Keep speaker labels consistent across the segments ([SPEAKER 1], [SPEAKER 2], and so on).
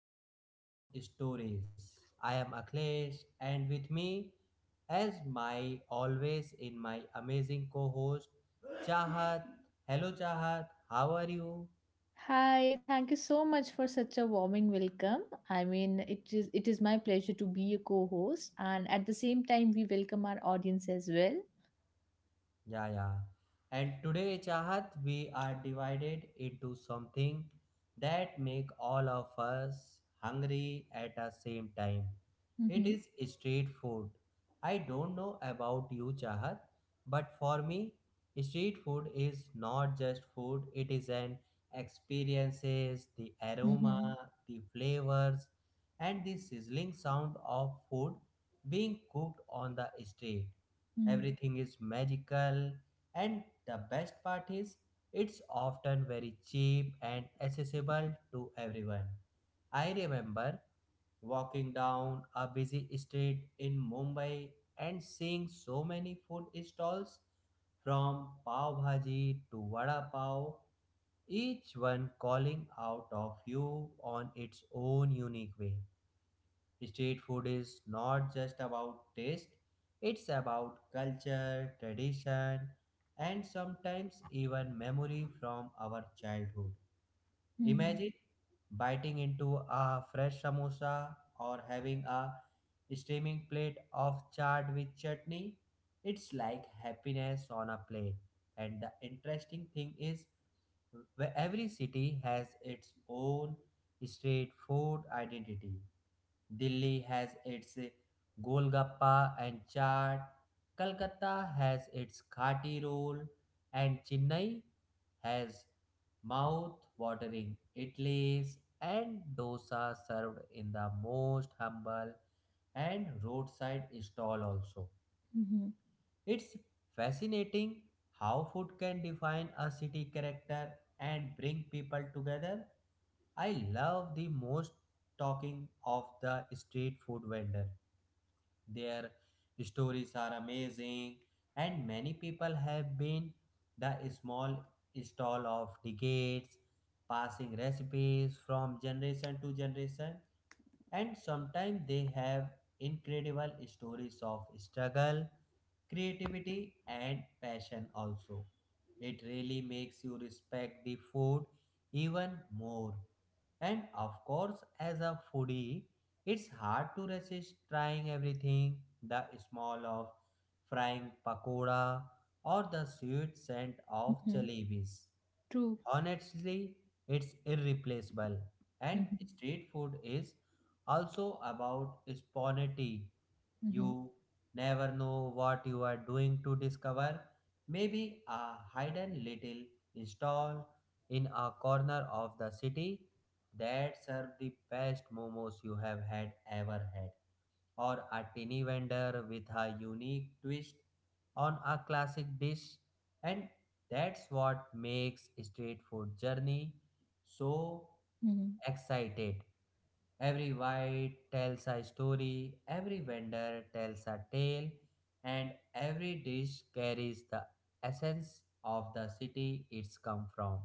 [SPEAKER 1] Street Food Stories. I am Akhilesh and with me as my always in my amazing co-host Chahat. Hello Chahat, how are you?
[SPEAKER 2] Hi, thank you so much for such a warming welcome. I mean, it is my pleasure to be a co-host, and at the same time, we welcome our audience as well.
[SPEAKER 1] Yeah, yeah. And today, Chahat, we are divided into something that make all of us hungry at the same time. It
[SPEAKER 2] Mm-hmm,
[SPEAKER 1] is street food. I don't know about you, Chahat, but for me, street food is not just food. It is an experiences, the aroma,
[SPEAKER 2] mm-hmm,
[SPEAKER 1] the flavors, and the sizzling sound of food being cooked on the street.
[SPEAKER 2] mm-hmm,
[SPEAKER 1] Everything is magical, and the best part is it's often very cheap and accessible to everyone. I remember walking down a busy street in Mumbai and seeing so many food stalls from pav bhaji to vada pav, each one calling out of you on its own unique way. Street food is not just about taste, it's about culture, tradition, and sometimes even memory from our childhood.
[SPEAKER 2] mm-hmm,
[SPEAKER 1] Imagine biting into a fresh samosa or having a steaming plate of chaat with chutney. It's like happiness on a plate. And the interesting thing is, every city has its own street food identity. Delhi has its Golgappa and chaat. Calcutta has its khati roll, and Chennai has mouth-watering idlis and dosa served in the most humble and roadside stall also.
[SPEAKER 2] mm-hmm,
[SPEAKER 1] It's fascinating how food can define a city character and bring people together. I love the most talking of the street food vendor, their stories are amazing, and many people have been the small stall of decades, passing recipes from generation to generation. And sometimes they have incredible stories of struggle, creativity, and passion also. It really makes you respect the food even more. And of course, as a foodie, it's hard to resist trying everything, the smell of frying pakoda or the sweet scent of
[SPEAKER 2] mm-hmm.
[SPEAKER 1] jalebis.
[SPEAKER 2] True.
[SPEAKER 1] Honestly, it's irreplaceable. And
[SPEAKER 2] Mm-hmm,
[SPEAKER 1] street food is also about spontaneity.
[SPEAKER 2] mm-hmm,
[SPEAKER 1] You never know what you are doing to discover. Maybe a hidden little stall in a corner of the city that serve the best momos you have had ever had, or a tiny vendor with a unique twist on a classic dish, and that's what makes street food journey so
[SPEAKER 2] mm-hmm.
[SPEAKER 1] excited. Every white tells a story, every vendor tells a tale, and every dish carries the essence of the city it's come from.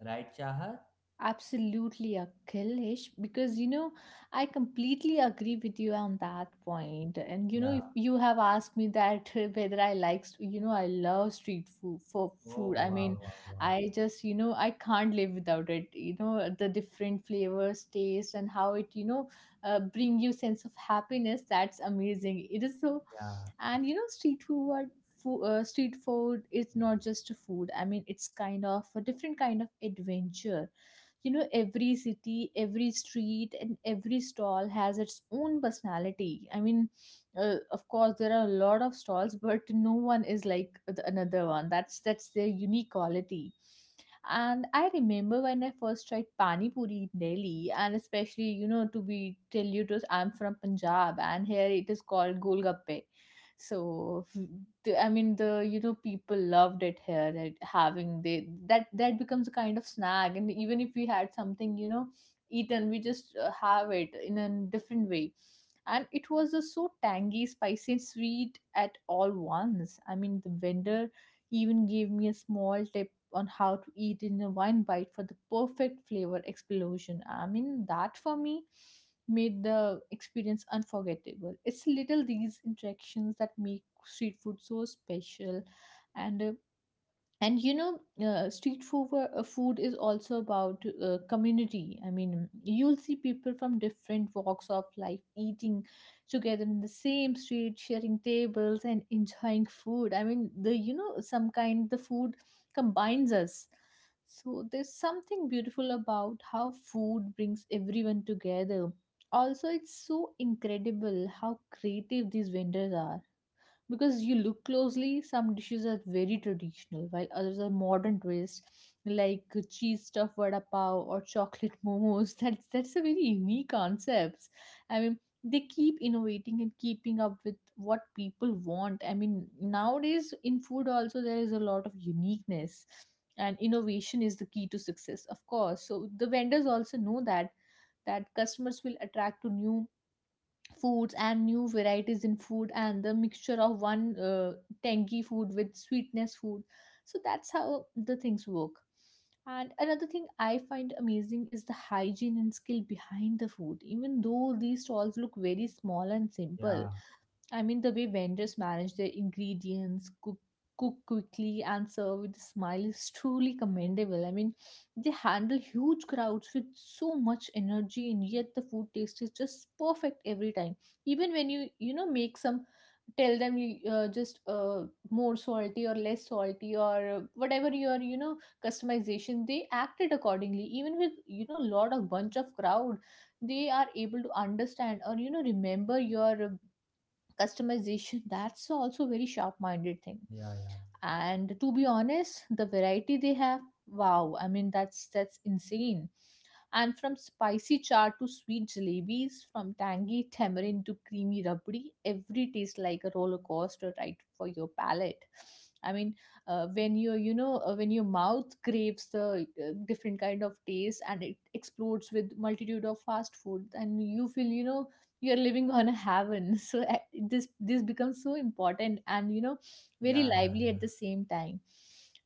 [SPEAKER 1] Right, Chahat?
[SPEAKER 2] Absolutely, Akhilish, because I completely agree with you on that point. And
[SPEAKER 1] Yeah.
[SPEAKER 2] if you have asked me that whether I like, I love street food for food.
[SPEAKER 1] Oh,
[SPEAKER 2] I
[SPEAKER 1] wow,
[SPEAKER 2] mean,
[SPEAKER 1] wow, wow.
[SPEAKER 2] I just, I can't live without it. The different flavors, taste, and how it, bring you sense of happiness. That's amazing. It is so,
[SPEAKER 1] Yeah,
[SPEAKER 2] and street food is not just a food. I mean, it's kind of a different kind of adventure. Every city, every street, and every stall has its own personality. I mean, of course there are a lot of stalls, but no one is like another one. That's their unique quality. And I remember when I first tried pani puri in Delhi, and especially, to be tell you to, I'm from Punjab and here it is called golgappe. So I mean the people loved it here, that having they that becomes a kind of snack, and even if we had something, eaten, we just have it in a different way. And it was so tangy, spicy, and sweet at all once. I mean, the vendor even gave me a small tip on how to eat in a wine bite for the perfect flavor explosion. I mean, that for me made the experience unforgettable. It's little these interactions that make street food so special. And uh, and you know uh, street food food is also about community. I mean, you'll see people from different walks of life eating together in the same street, sharing tables and enjoying food. I mean, the you know some kind the food combines us. So there's something beautiful about how food brings everyone together. Also, it's so incredible how creative these vendors are, because you look closely, some dishes are very traditional while others are modern twists, like cheese stuffed vada pav or chocolate momos. That's a very unique concepts. I mean, they keep innovating and keeping up with what people want. I mean, nowadays in food also there is a lot of uniqueness, and innovation is the key to success, of course. So the vendors also know that customers will attract to new foods and new varieties in food, and the mixture of one tangy food with sweetness food. So that's how the things work. And another thing I find amazing is the hygiene and skill behind the food, even though these stalls look very small and simple.
[SPEAKER 1] yeah,
[SPEAKER 2] I mean, the way vendors manage their ingredients, cook quickly, and serve with a smile is truly commendable. I mean, they handle huge crowds with so much energy, and yet the food taste is just perfect every time. Even when you make some, tell them you just more salty or less salty or whatever your customization, they acted accordingly. Even with lot of bunch of crowd, they are able to understand or remember your customization. That's also very sharp minded thing.
[SPEAKER 1] yeah, yeah,
[SPEAKER 2] And to be honest, the variety they have, wow, I mean, that's insane. And from spicy char to sweet jalebis, from tangy tamarind to creamy rabdi, every tastes like a roller coaster ride for your palate. I mean, when when your mouth craves the different kind of taste and it explodes with multitude of fast food, and you feel, you're living on a heaven. So this becomes so important, and very
[SPEAKER 1] yeah, yeah,
[SPEAKER 2] lively
[SPEAKER 1] yeah.
[SPEAKER 2] at the same time.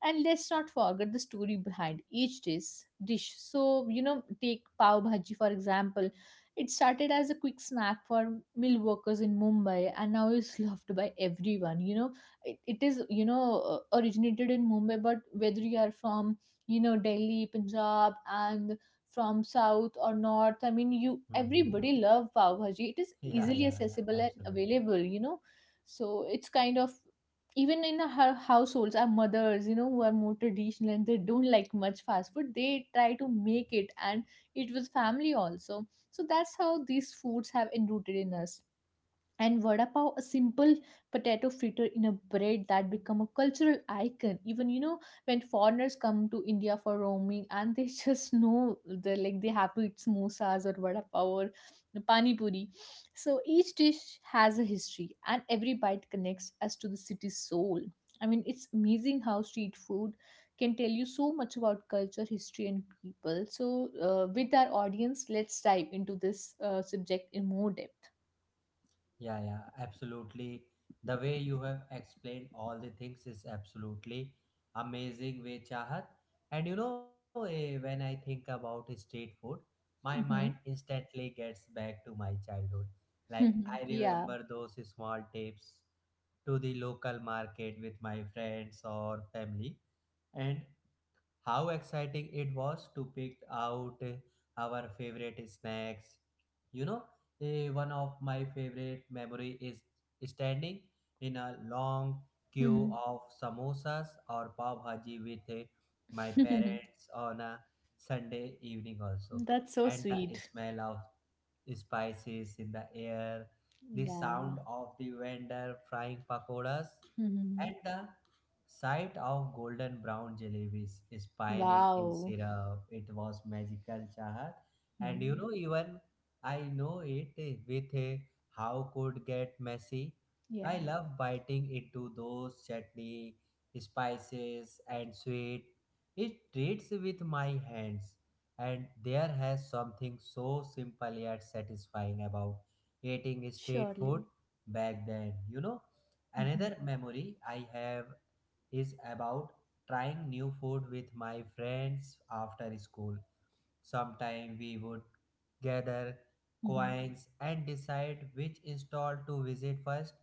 [SPEAKER 2] And let's not forget the story behind each dish. So, take pav bhaji for example. It started as a quick snack for mill workers in Mumbai, and now is loved by everyone. You know it, it is you know uh, originated in Mumbai, but whether you are from, Delhi, Punjab, and from south or north, I mean, you
[SPEAKER 1] Mm-hmm.
[SPEAKER 2] everybody love pav bhaji. It is
[SPEAKER 1] Yeah,
[SPEAKER 2] easily
[SPEAKER 1] yeah, yeah,
[SPEAKER 2] accessible and
[SPEAKER 1] absolutely.
[SPEAKER 2] available. So it's kind of even in our households, our mothers who are more traditional and they don't like much fast food, they try to make it, and it was family also. So that's how these foods have enrooted in us. And vada pav, a simple potato fritter in a bread, that become a cultural icon. Even, when foreigners come to India for roaming, and they just know they like, they have to eat samosas or vada pav or pani puri. So each dish has a history, and every bite connects us to the city's soul. I mean, it's amazing how street food can tell you so much about culture, history, and people. So with our audience, let's dive into this subject in more depth.
[SPEAKER 1] Yeah, yeah, absolutely. The way you have explained all the things is absolutely amazing way, Chahat. And you know, when I think about street food, my mind
[SPEAKER 2] Mhm.
[SPEAKER 1] instantly gets back to my childhood. Like
[SPEAKER 2] Mhm.
[SPEAKER 1] I
[SPEAKER 2] Yeah.
[SPEAKER 1] remember those small trips to the local market with my friends or family, and how exciting it was to pick out our favorite snacks. You know, one of my favorite memory is standing in a long queue
[SPEAKER 2] Mhm.
[SPEAKER 1] of samosas or pav bhaji with my parents on a Sunday evening also,
[SPEAKER 2] That's so
[SPEAKER 1] and the
[SPEAKER 2] sweet.
[SPEAKER 1] smell of spices in the air, the
[SPEAKER 2] Yeah.
[SPEAKER 1] sound of the vendor frying pakoras,
[SPEAKER 2] Mhm.
[SPEAKER 1] and the sight of golden brown jalebis spinning in
[SPEAKER 2] Wow.
[SPEAKER 1] syrup. It was magical, Chahat. And you
[SPEAKER 2] Mhm.
[SPEAKER 1] know, even I know it with a how could get messy.
[SPEAKER 2] Yeah,
[SPEAKER 1] I love biting into those chutney, spices, and sweet. It treats with my hands and there has something so simple yet satisfying about eating street food
[SPEAKER 2] surely.
[SPEAKER 1] back then, you know.
[SPEAKER 2] Mhm.
[SPEAKER 1] Another memory I have is about trying new food with my friends after school. Sometime we would gather
[SPEAKER 2] Mhm.
[SPEAKER 1] coins and decide which stall to visit first.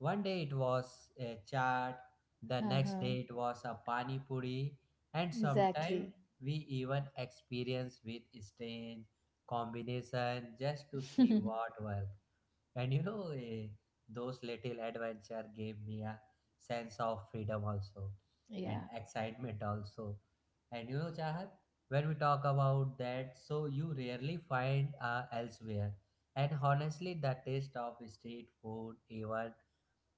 [SPEAKER 1] One day it was a chaat, the next
[SPEAKER 2] Uh-huh.
[SPEAKER 1] day it was a pani puri, and sometime
[SPEAKER 2] Exactly.
[SPEAKER 1] we even experience with strange combination just to see what works. And you know, those little adventure gave me a sense of freedom also
[SPEAKER 2] Yeah.
[SPEAKER 1] and excitement also. And you know, Chahat, when we talk about that, so you rarely find elsewhere. And honestly, the taste of street food even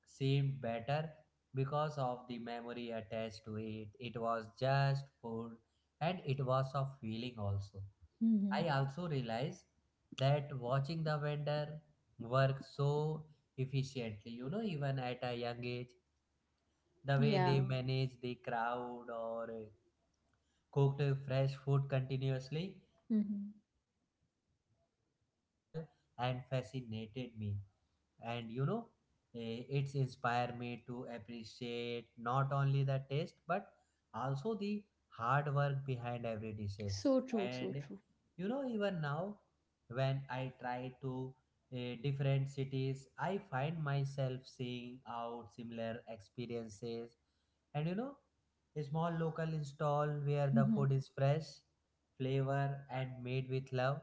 [SPEAKER 1] seemed better because of the memory attached to it. It was just food and it was a feeling also.
[SPEAKER 2] Mhm.
[SPEAKER 1] I also realize that watching the vendor work so efficiently, you know, even at a young age, the way they
[SPEAKER 2] Yeah.
[SPEAKER 1] manage the crowd or cooked fresh food continuously and
[SPEAKER 2] Mhm.
[SPEAKER 1] served everyone in a simple and fascinated me, and you know it's inspired me to appreciate not only the taste but also the hard work behind every dishes.
[SPEAKER 2] So true, so
[SPEAKER 1] And
[SPEAKER 2] true.
[SPEAKER 1] you know, even now when I try to, different cities, I find myself seeing out similar experiences. And you know, a small local stall where the
[SPEAKER 2] Mhm.
[SPEAKER 1] food is fresh flavor and made with love,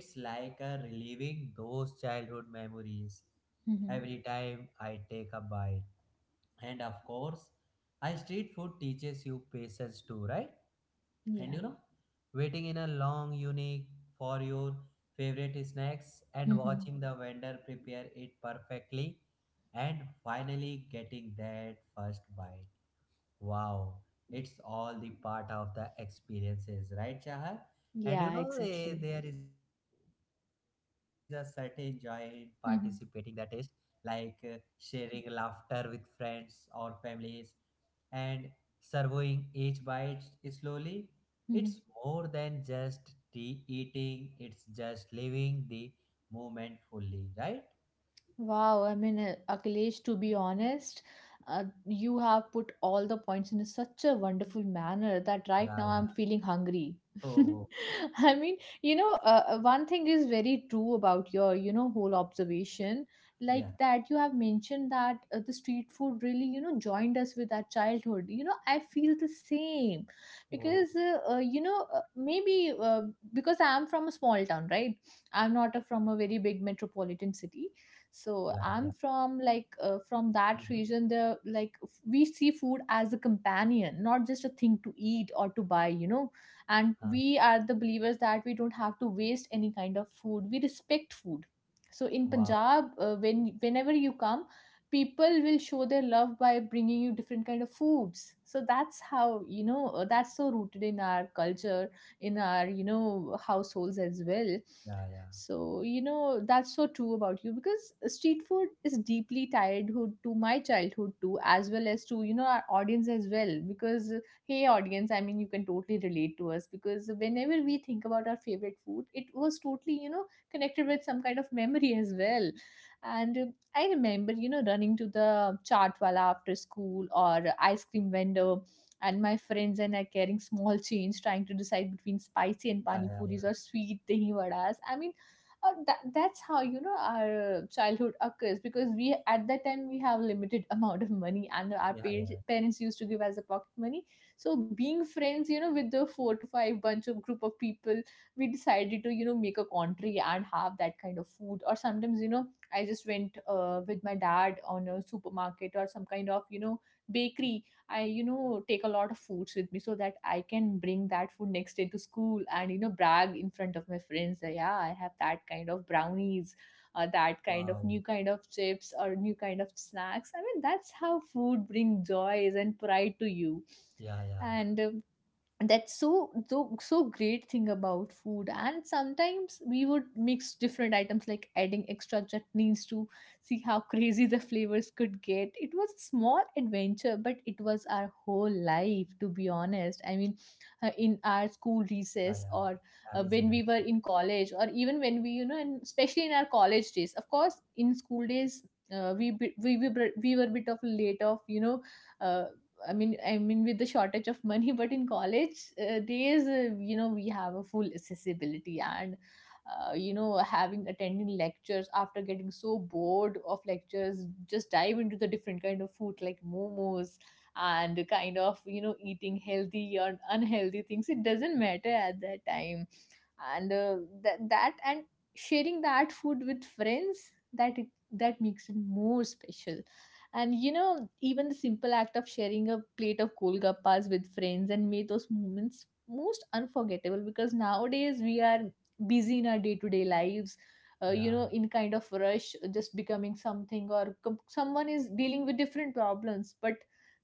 [SPEAKER 1] it's like a reliving those childhood memories
[SPEAKER 2] Mhm.
[SPEAKER 1] every time I take a bite. And of course, I street food teaches you patience too, right? And
[SPEAKER 2] Yeah.
[SPEAKER 1] you know, waiting in a long unique for your favorite snacks and
[SPEAKER 2] Mhm.
[SPEAKER 1] watching the vendor prepare it perfectly and finally getting that first bite. Wow, it's all the part of the experiences, right, Chahat? And you
[SPEAKER 2] Yeah,
[SPEAKER 1] know,
[SPEAKER 2] exactly.
[SPEAKER 1] there is a certain joy in participating the test,
[SPEAKER 2] Mhm.
[SPEAKER 1] like sharing laughter with friends or families and surveying each bite slowly. It's
[SPEAKER 2] Mhm.
[SPEAKER 1] more than just tea eating, it's just living the moment fully, right?
[SPEAKER 2] Wow, I mean, Akhilesh, to be honest, you have put all the points in such a wonderful manner that
[SPEAKER 1] Yeah,
[SPEAKER 2] right now I'm
[SPEAKER 1] yeah.
[SPEAKER 2] feeling hungry.
[SPEAKER 1] Oh, oh, oh,
[SPEAKER 2] I mean, one thing is very true about your whole observation, like
[SPEAKER 1] yeah.
[SPEAKER 2] that you have mentioned that the street food really joined us with our childhood. I feel the same
[SPEAKER 1] Oh,
[SPEAKER 2] because, maybe because I'm from a small town, right? I'm not from a very big
[SPEAKER 1] yeah, yeah,
[SPEAKER 2] metropolitan
[SPEAKER 1] yeah.
[SPEAKER 2] city. So I'm from like,
[SPEAKER 1] Mm-hmm.
[SPEAKER 2] from that region. We see food as a companion, not just a thing to eat or to buy, and
[SPEAKER 1] Huh.
[SPEAKER 2] we are the believers that we don't have to waste any kind of food. We respect food. So in
[SPEAKER 1] Wow, wow.
[SPEAKER 2] Punjab, whenever you come, people will show their love by bringing you different kind of foods. So that's how, that's so rooted in our culture, in our, households as well.
[SPEAKER 1] Yeah, yeah.
[SPEAKER 2] So that's so true about you, because street food is deeply tied hood to my childhood too, as well as to our audience as well. Because, hey, audience, I mean, you can totally relate to us, because whenever we think about our favorite food, it was totally connected with some kind of memory as well. And I remember running to the chaat wala after school or ice cream vendor, and my friends and I carrying small change, trying to decide between spicy and
[SPEAKER 1] Yeah,
[SPEAKER 2] pani
[SPEAKER 1] yeah.
[SPEAKER 2] puris or sweet dahi vadas. I mean, that's how, our childhood occurs, because we at that time we have limited amount of money, and our
[SPEAKER 1] Yeah,
[SPEAKER 2] parents
[SPEAKER 1] yeah.
[SPEAKER 2] parents used to give us a pocket money. So being friends, with the four to five bunch of group of people, we decided to, make a country and have that kind of food. Or sometimes, I just went with my dad on a supermarket or some kind of, bakery. I take a lot of foods with me so that I can bring that food next day to school, and brag in front of my friends that, yeah, I have that kind of brownies, that kind of
[SPEAKER 1] Wow.
[SPEAKER 2] new kind of chips or new kind of snacks. I mean, that's how food brings joys and pride to you.
[SPEAKER 1] Yeah, yeah.
[SPEAKER 2] And that's so, so so great thing about food. And sometimes we would mix different items, like adding extra chutneys, to see how crazy the flavors could get. It was a
[SPEAKER 1] Yeah, yeah.
[SPEAKER 2] small adventure, but it was our whole life, to be honest. I mean,
[SPEAKER 1] Yeah, yeah.
[SPEAKER 2] in our school
[SPEAKER 1] Amazing,
[SPEAKER 2] recess,
[SPEAKER 1] amazing.
[SPEAKER 2] or when we were in college, or even when we, and especially in our college days, of course in school days, we, bit- we were a bit of late of, uh, I mean, with the shortage of money. But in college days, we have a full accessibility, and having attending lectures, after getting so bored of lectures, just dive into the different kind of food like momos, and kind of eating healthy or unhealthy things. It doesn't matter at that time, and that that and sharing that food with friends, that makes it more special. And you know, even the simple act of sharing a plate of golgappas with friends and made those moments most unforgettable, because nowadays we are busy in our day-to-day lives. You
[SPEAKER 1] Yeah.
[SPEAKER 2] know, in kind of rush, just becoming something, or someone is dealing with different problems. But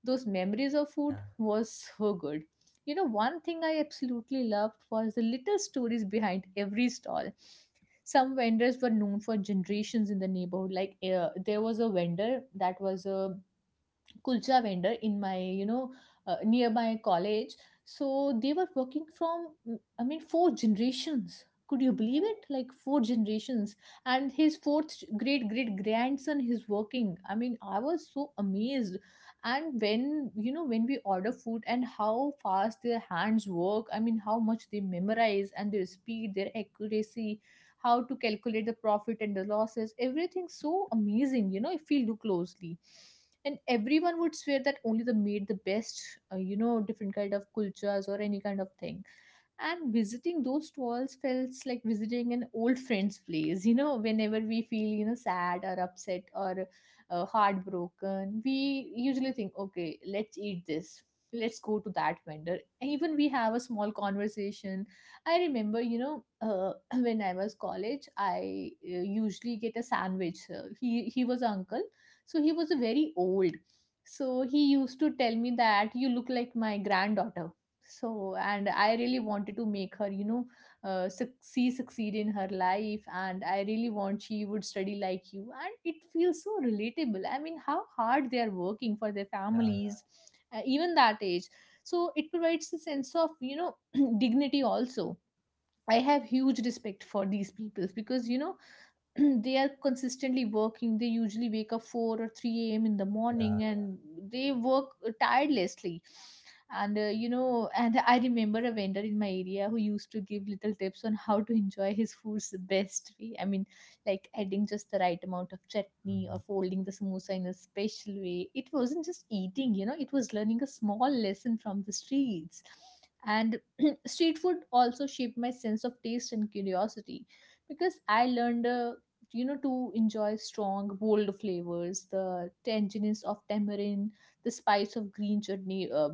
[SPEAKER 2] those memories of
[SPEAKER 1] Yeah, yeah.
[SPEAKER 2] food was so good. You know, one thing I absolutely loved was the little stories behind every stall. Some vendors were known for generations in the neighborhood. Like there was a vendor that was a kulcha vendor in my, you know, nearby college. So they were working from I mean, four generations. Could you believe
[SPEAKER 1] Oh.
[SPEAKER 2] it? Like four generations, and his fourth great great grandson is working. I mean, I was so amazed. And when, you know, when we order food and how fast their hands work, I mean, how much they memorize, and their speed, their accuracy, how to calculate the profit and the losses, everything so amazing, you know, if we look closely. And everyone would swear that only they made the best you know, different kind of kulchas or any kind of thing. And visiting those stalls felt like visiting an old friend's place. You know, whenever we feel, you know, sad or upset or heartbroken, we usually think, okay, let's eat this, let's go to that vendor, even we have a small conversation. I remember, you know, when I was college, I usually get a sandwich. He was uncle, so he was a very old, so he used to tell me that you look like my granddaughter. So, and I really wanted to make her, you know, succeed in her life, and I really want she would study like you. And it feels so relatable. I mean, how hard they are working for their
[SPEAKER 1] Yeah,
[SPEAKER 2] families, even that age. So it provides a sense of, you know, dignity also. I have huge respect for these people, because, you know, they are consistently working. They usually wake up 4 or 3 a.m in the
[SPEAKER 1] yeah.
[SPEAKER 2] morning,
[SPEAKER 1] Yeah.
[SPEAKER 2] and they work tirelessly. And you know, and I remember a vendor in my area who used to give little tips on how to enjoy his foods the best way. I mean, like adding just the right amount of chutney or
[SPEAKER 1] Mm-hmm.
[SPEAKER 2] folding the samosa in a special way. It wasn't just eating, you know, it was learning a small lesson from the streets. And street food also shaped my sense of taste and curiosity, because I learned, you know, to enjoy strong bold flavors, the tanginess of tamarind, the spice of green chutney.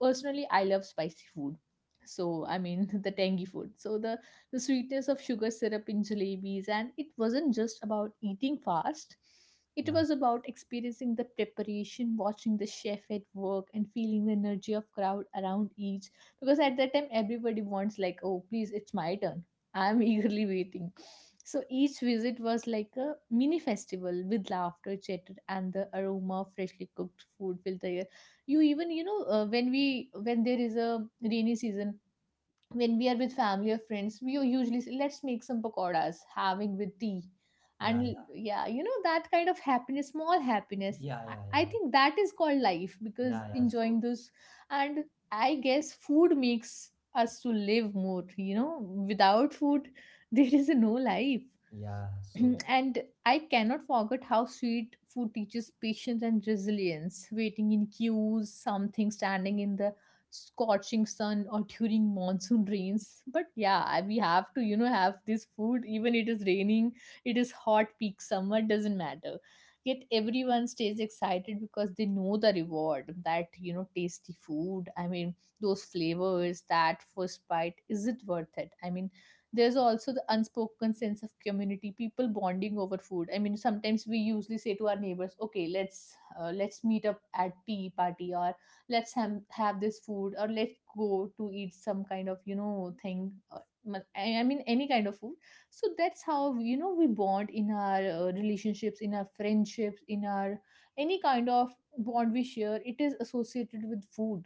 [SPEAKER 2] Personally, I love spicy food. So, I mean, the tangy food, so the sweetness of sugar syrup in jalebis. And it wasn't just about eating fast, it
[SPEAKER 1] Yeah.
[SPEAKER 2] was about experiencing the preparation, watching the chef at work, and feeling the energy of crowd around each, because at that time everybody wants like, oh please, it's my turn, I'm eagerly waiting. So each visit was like a mini festival, with laughter, chatter, and the aroma of freshly cooked food filled the air. You even, you know, when there is a rainy season, when we are with family or friends, we usually say, let's make some pakoras having with tea.
[SPEAKER 1] Yeah,
[SPEAKER 2] And
[SPEAKER 1] yeah.
[SPEAKER 2] yeah, you know, that kind of happiness, small happiness,
[SPEAKER 1] Yeah, yeah,
[SPEAKER 2] I
[SPEAKER 1] yeah.
[SPEAKER 2] think that is called life, because
[SPEAKER 1] Yeah, yeah. So
[SPEAKER 2] enjoying
[SPEAKER 1] true.
[SPEAKER 2] those. And I guess food makes us to live more, you know. Without food there is no life.
[SPEAKER 1] Yeah, so true.
[SPEAKER 2] And I cannot forget how sweet food teaches patience and resilience. Waiting in queues, something standing in the scorching sun or during monsoon rains. But yeah, we have to, you know, have this food. Even it is raining, it is hot peak summer, doesn't matter. Yet everyone stays excited because they know the reward, that, you know, tasty food. I mean, those flavors, that first bite, is it worth it? I mean, there's also the unspoken sense of community, people bonding over food. I mean, sometimes we usually say to our neighbors, okay, let's meet up at tea party, or let's have this food, or let's go to eat some kind of, you know, thing, or I mean, any kind of food. So that's how, you know, we bond in our relationships, in our friendships, in our any kind of bond we share. It is associated with food.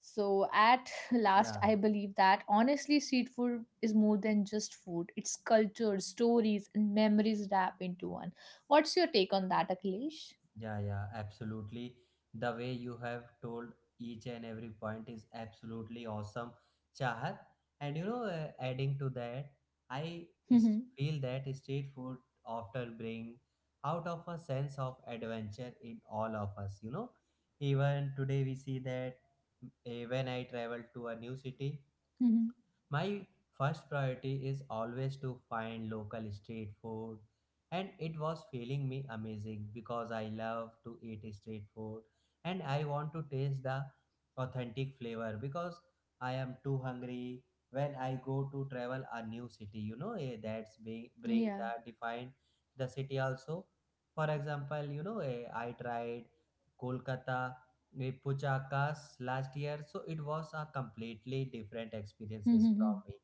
[SPEAKER 2] So at last,
[SPEAKER 1] Yeah.
[SPEAKER 2] I believe that, honestly, street food is more than just food. It's culture, stories, and memories wrapped into one. What's your take on that, Akhilesh?
[SPEAKER 1] Yeah, yeah, absolutely. The way you have told each and every point is absolutely awesome, Chahat. And you know, adding to that,
[SPEAKER 2] Yeah.
[SPEAKER 1] feel that street food often bring out of a sense of adventure in all of us. You know, even today we see that when I travel to a new city, my first priority is always to find local street food, and it was feeling me amazing because I love to eat street food and I want to taste the authentic flavor because I am too hungry when I go to travel a new city. You know, that's bring
[SPEAKER 2] Yeah.
[SPEAKER 1] the define the city also. For example, you know, I tried Kolkata we Puchakas last year, so it was a completely different experiences from
[SPEAKER 2] Mhm.
[SPEAKER 1] me,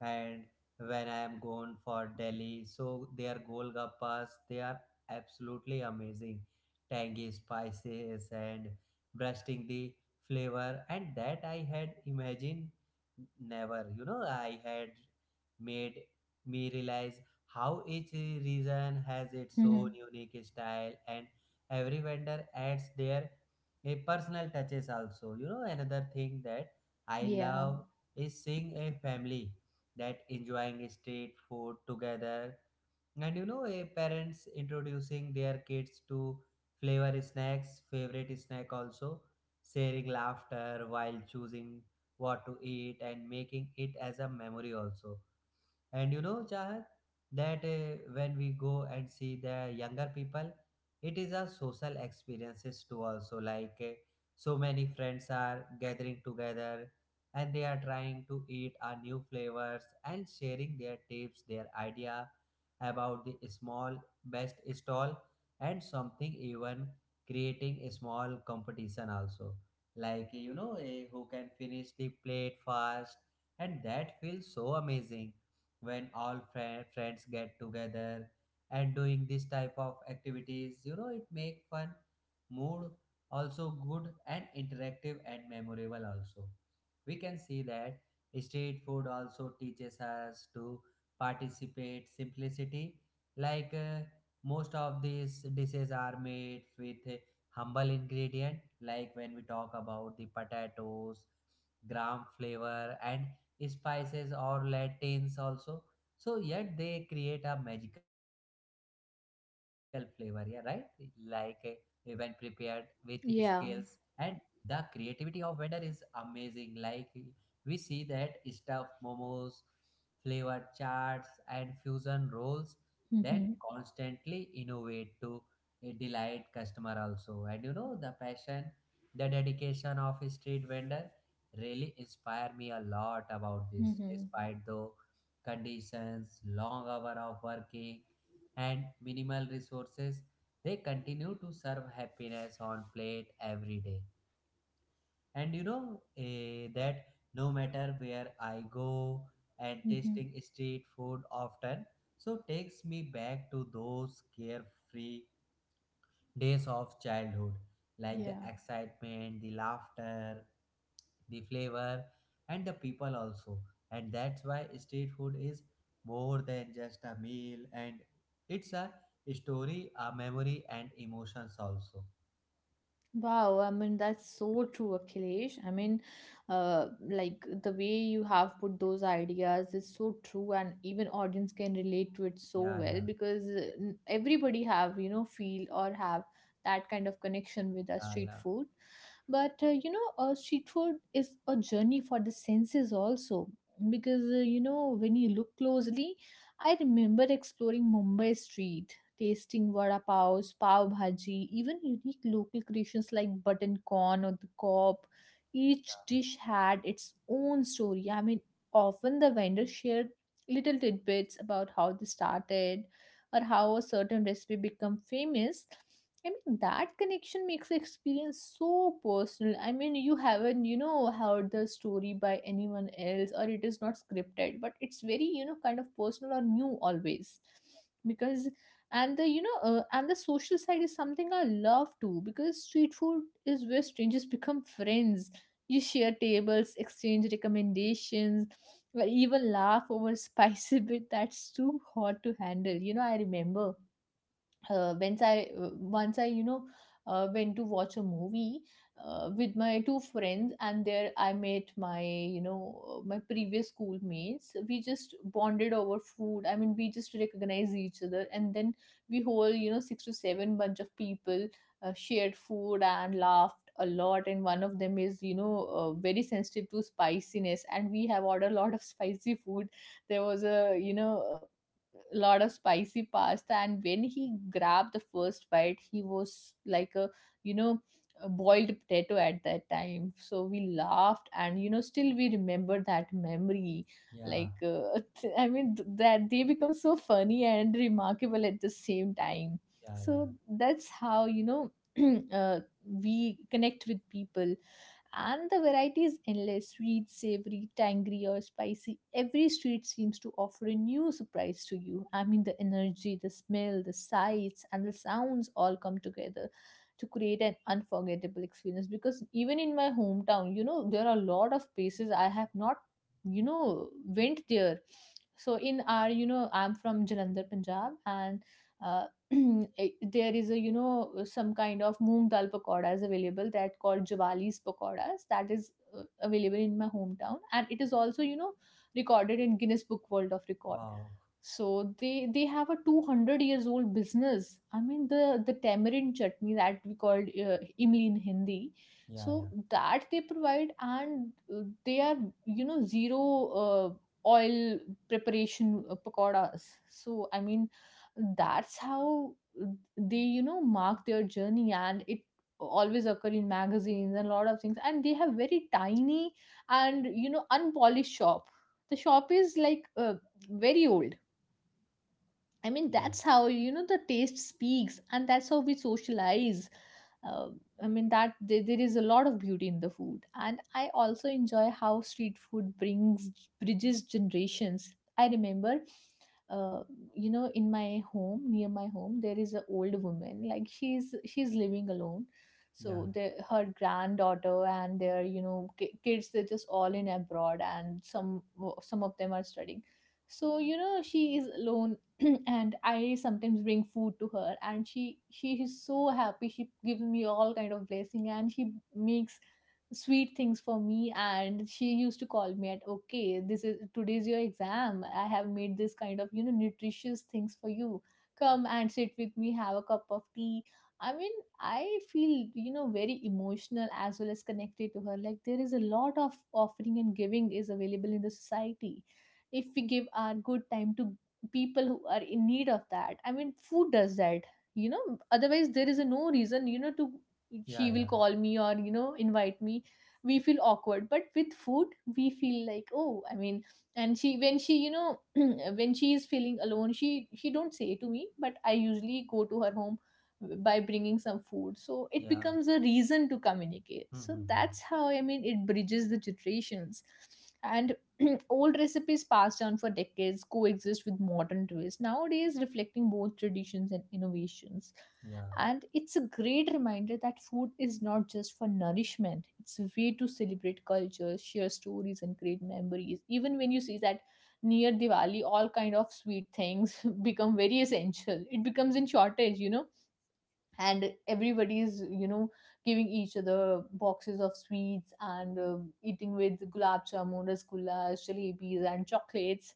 [SPEAKER 1] and when I am gone for Delhi, so their golgappas they are absolutely amazing, tangy spices and bursting the flavor, and that I had imagined never. You know, I had made me realize how each region has its own
[SPEAKER 2] Mhm.
[SPEAKER 1] unique style, and every vendor adds their a personal touches also. You know, another thing that I
[SPEAKER 2] Yeah.
[SPEAKER 1] love is seeing a family that enjoying street food together, and you know parents introducing their kids to flavor snacks favorite snack also, sharing laughter while choosing what to eat and making it as a memory also. And you know, Chahat, that when we go and see the younger people, it is a social experiences too. Also, like so many friends are gathering together, and they are trying to eat our new flavors and sharing their tips, their idea about the small best stall, and something even creating a small competition also. Like you know, who can finish the plate fast, and that feels so amazing when all friends get together and doing this type of activities. You know, it make fun mood also good and interactive and memorable also. We can see that street food also teaches us to participate simplicity, like most of these dishes are made with humble ingredient, like when we talk about the potatoes, gram flavor and spices or latins also. So yet they create a magical flavor, yeah, right? Like when prepared with scales, and
[SPEAKER 2] Yeah.
[SPEAKER 1] the creativity of vendor is amazing. Like we see that stuffed momos, flavored charts and fusion rolls that
[SPEAKER 2] Mhm.
[SPEAKER 1] constantly innovate to delight customer also. And you know the passion, the dedication of a street vendor really inspire me a lot about this,
[SPEAKER 2] Mhm.
[SPEAKER 1] despite the conditions, long hour of working, and minimal resources, they continue to serve happiness on plate every day. And you know that no matter where I go, and
[SPEAKER 2] Mhm.
[SPEAKER 1] tasting street food often so takes me back to those carefree days of childhood, like the
[SPEAKER 2] Yeah.
[SPEAKER 1] excitement, the laughter, the flavor, and the people also. And that's why street food is more than just a meal, and it's a story, a memory, and emotions also.
[SPEAKER 2] Wow, I mean, that's so true, Akhilesh. I mean, like the way you have put those ideas is so true, and even audience can relate to it so
[SPEAKER 1] Yeah,
[SPEAKER 2] well,
[SPEAKER 1] yeah,
[SPEAKER 2] because everybody have, you know, feel or have that kind of connection with our
[SPEAKER 1] yeah,
[SPEAKER 2] street
[SPEAKER 1] yeah,
[SPEAKER 2] food. But you know, street food is a journey for the senses also, because you know, when you look closely, I remember exploring Mumbai street, tasting vada paos, pav bhaji, even unique local creations like button corn or the kop. Each dish had its own story. I mean, often the vendor shared little tidbits about how they started or how a certain recipe became famous. I mean, that connection makes the experience so personal. I mean, you haven't, you know, heard the story by anyone else, or it is not scripted, but it's very, you know, kind of personal or new always. Because, and the, you know, and the social side is something I love too, because street food is where strangers become friends. You share tables, exchange recommendations, or even laugh over spicy bit that's too hot to handle. You know, I remember, once I, you know, went to watch a movie with my two friends, and there I met my, you know, my previous schoolmates. We just bonded over food. I mean, we just recognized each other, and then we whole, you know, six to seven bunch of people shared food and laughed a lot. And one of them is, you know, very sensitive to spiciness, and we have ordered a lot of spicy food. There was a, you know, lot of spicy pasta, and when he grabbed the first bite, he was like a, you know, a boiled potato at that time. So we laughed, and you know, still we remember that memory,
[SPEAKER 1] yeah,
[SPEAKER 2] like, I mean, that they become so funny and remarkable at the same time.
[SPEAKER 1] yeah, yeah.
[SPEAKER 2] So that's how, you know, uh, we connect with people. And the variety is endless: sweet, savory, tangy, or spicy. Every street seems to offer a new surprise to you. I mean, the energy, the smell, the sights, and the sounds, all come together to create an unforgettable experience. Because even in my hometown, you know, there are a lot of places I have not, you know, went there. So in our, you know, I'm from Jalandhar, Punjab, and uh, eh, there is a, you know, some kind of moong dal pakoras available that called Jawali's pakoras, that is available in my hometown, and it is also, you know, recorded in Guinness Book World of Record.
[SPEAKER 1] Wow.
[SPEAKER 2] So they have a 200 years old business. I mean, the tamarind chutney that we called imli in Hindi.
[SPEAKER 1] Yeah,
[SPEAKER 2] So
[SPEAKER 1] yeah,
[SPEAKER 2] that they provide. And they are, you know, zero oil preparation pakoras. So I mean, that's how they, you know, mark their journey, and it always occur in magazines and a lot of things. And they have very tiny, and you know, unpolished shop. The shop is like, very old. I mean,
[SPEAKER 1] yeah,
[SPEAKER 2] that's how, you know, the taste speaks, and that's how we socialize. Uh, I mean, that there is a lot of beauty in the food. And I also enjoy how street food brings, bridges generations. I remember, uh, you know, in my home, near my home, there is an old woman. Like she's living alone,
[SPEAKER 1] yeah,
[SPEAKER 2] so her granddaughter and their kids they're just all in abroad, and some of them are studying, so you know she is alone. And I sometimes bring food to her, and she is so happy, she gives me all kind of blessing, and she makes sweet things for me. And she used to call me at, okay, this is today's your exam, I have made this kind of nutritious things for you. Come and sit with me, have a cup of tea. I mean, I feel very emotional as well as connected to her. Like there is a lot of offering and giving is available in the society if we give our good time to people who are in need of that. I mean, food does that, you know. Otherwise there is no reason, to, she
[SPEAKER 1] yeah,
[SPEAKER 2] will
[SPEAKER 1] yeah,
[SPEAKER 2] call me or invite me. We feel awkward, but with food we feel like, oh, I mean. And she, when she when she is feeling alone, she don't say to me, but I usually go to her home by bringing some food, so it
[SPEAKER 1] yeah.
[SPEAKER 2] becomes a reason to communicate.
[SPEAKER 1] Hmm,
[SPEAKER 2] So
[SPEAKER 1] hmm, hmm.
[SPEAKER 2] that's how, I mean, it bridges the generations. And old recipes passed down for decades coexist with modern twists, nowadays reflecting both traditions and innovations.
[SPEAKER 1] Yeah,
[SPEAKER 2] And it's a great reminder that food is not just for nourishment, it's a way to celebrate culture, share stories, and create memories. Even when you see that near Diwali, all kind of sweet things become very essential. It becomes in shortage, you know, and everybody's giving each other boxes of sweets and eating with gulab jamun, rasgullas, jalebis, and chocolates.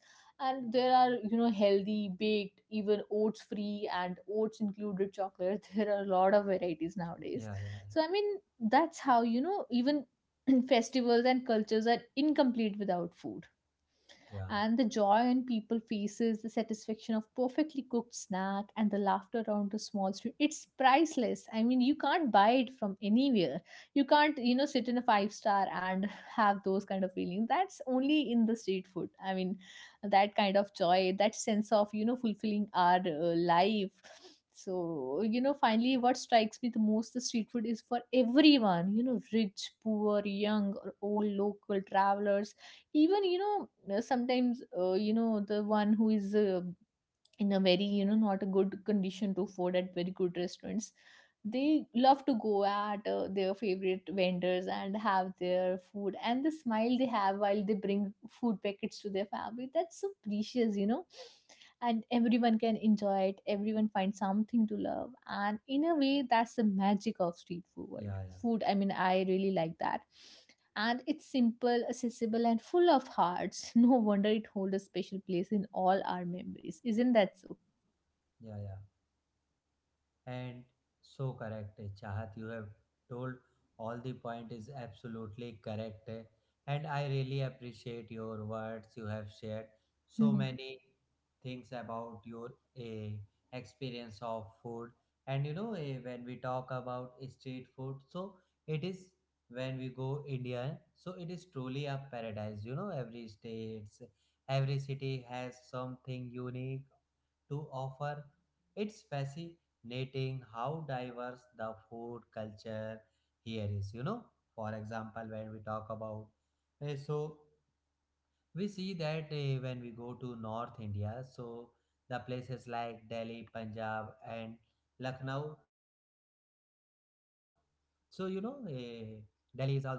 [SPEAKER 2] And there are healthy baked, even oats free and oats included chocolates. There are a lot of varieties nowadays.
[SPEAKER 1] yeah, yeah,
[SPEAKER 2] So, I mean, that's how even festivals and cultures are incomplete without food.
[SPEAKER 1] yeah, yeah,
[SPEAKER 2] And the joy on people faces, the satisfaction of perfectly cooked snack, and the laughter around the small street. It's priceless. I mean, you can't buy it from anywhere. You can't, you know, sit in a five star and have those kind of feelings. That's only in the street food. I mean, that kind of joy, that sense of, you know, fulfilling our life. So, you know, finally, what strikes me the most the street food is for everyone, you know, rich, poor, young, or old, local travelers, even, you know, sometimes you know the one who is in a very, you know, not a good condition to afford at very good restaurants, they love to go at their favorite vendors and have their food. And the smile they have while they bring food packets to their family, that's so precious, you know. And everyone can enjoy it, everyone finds something to love, and in a way that's the magic of street food
[SPEAKER 1] yeah,
[SPEAKER 2] food I mean, I really like that. And it's simple, accessible, and full of hearts. No wonder it holds a special place in all our memories. Isn't that so?
[SPEAKER 1] yeah, yeah, yeah. And so correct, Chahat. You have told all the point is absolutely correct. And I really appreciate your words. You have shared so
[SPEAKER 2] Hmm.
[SPEAKER 1] many things about your experience of food. And when we talk about street food, so it is when we go India, so it is truly a paradise. You know, every states, every city has something unique to offer. It's fancy nating how diverse the food culture here is, you know. For example, when we talk about, eh, so we see that, when we go to North India, so the places like Delhi, Punjab, and Lucknow. So Delhi is also famous for the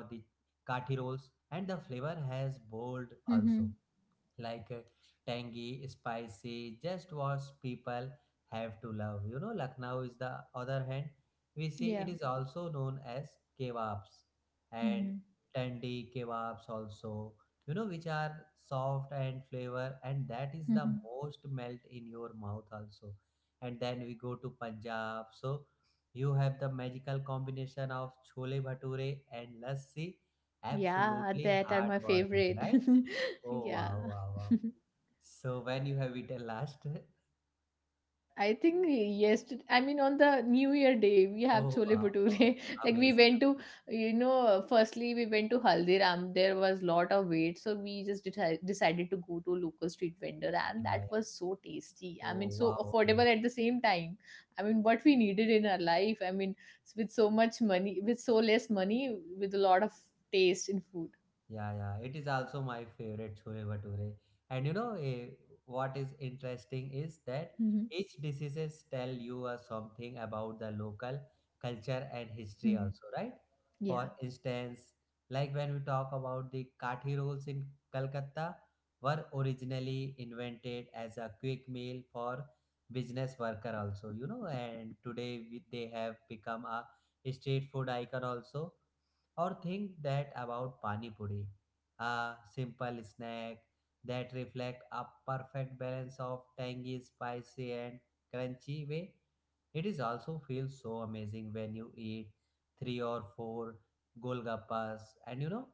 [SPEAKER 1] kathi rolls and the flavor has bold also,
[SPEAKER 2] Hmm.
[SPEAKER 1] like, tangy, spicy, just what people have to love. You know, Lucknow is the other hand. We see
[SPEAKER 2] Yeah.
[SPEAKER 1] it is also known as kebabs and
[SPEAKER 2] Hmm.
[SPEAKER 1] tandi kebabs also. You know, which are soft and flavor, and that is the
[SPEAKER 2] Hmm.
[SPEAKER 1] most melt in your mouth also. And then we go to Punjab. So you have the magical combination of chole bhature and lassi.
[SPEAKER 2] Yeah,
[SPEAKER 1] Absolutely
[SPEAKER 2] that are my
[SPEAKER 1] heartwarming,
[SPEAKER 2] favorite.
[SPEAKER 1] right? Oh
[SPEAKER 2] Yeah.
[SPEAKER 1] wow, wow, wow. So when you have eaten last?
[SPEAKER 2] I think yesterday, I mean, on the New Year day, we have
[SPEAKER 1] Oh
[SPEAKER 2] chole
[SPEAKER 1] wow, wow.
[SPEAKER 2] bhature. Like we
[SPEAKER 1] Amazing.
[SPEAKER 2] went to, you know, firstly we went to Haldiram. There was lot of wait, so we just decided to go to local street vendor, and
[SPEAKER 1] Yeah,
[SPEAKER 2] that
[SPEAKER 1] yeah.
[SPEAKER 2] was so tasty. I
[SPEAKER 1] Oh
[SPEAKER 2] mean, so
[SPEAKER 1] wow, amazing.
[SPEAKER 2] affordable at the same time. I mean, what we needed in our life. I mean, with so much money, with so less money, with a lot of taste in food.
[SPEAKER 1] Yeah, yeah. It is also my favorite chole bhature. And what is interesting is that
[SPEAKER 2] Mhm.
[SPEAKER 1] each diseases tell you something about the local culture and history
[SPEAKER 2] Mhm.
[SPEAKER 1] also, right?
[SPEAKER 2] Yeah.
[SPEAKER 1] For instance, like when we talk about the kathi rolls in Calcutta were originally invented as a quick meal for business worker also, you know, and today they have become a street food icon also, or think that about pani puri, a simple snack that reflects a perfect balance of tangy, spicy, and crunchy way. It is also feels so amazing when you eat three or four golgappas, and you know,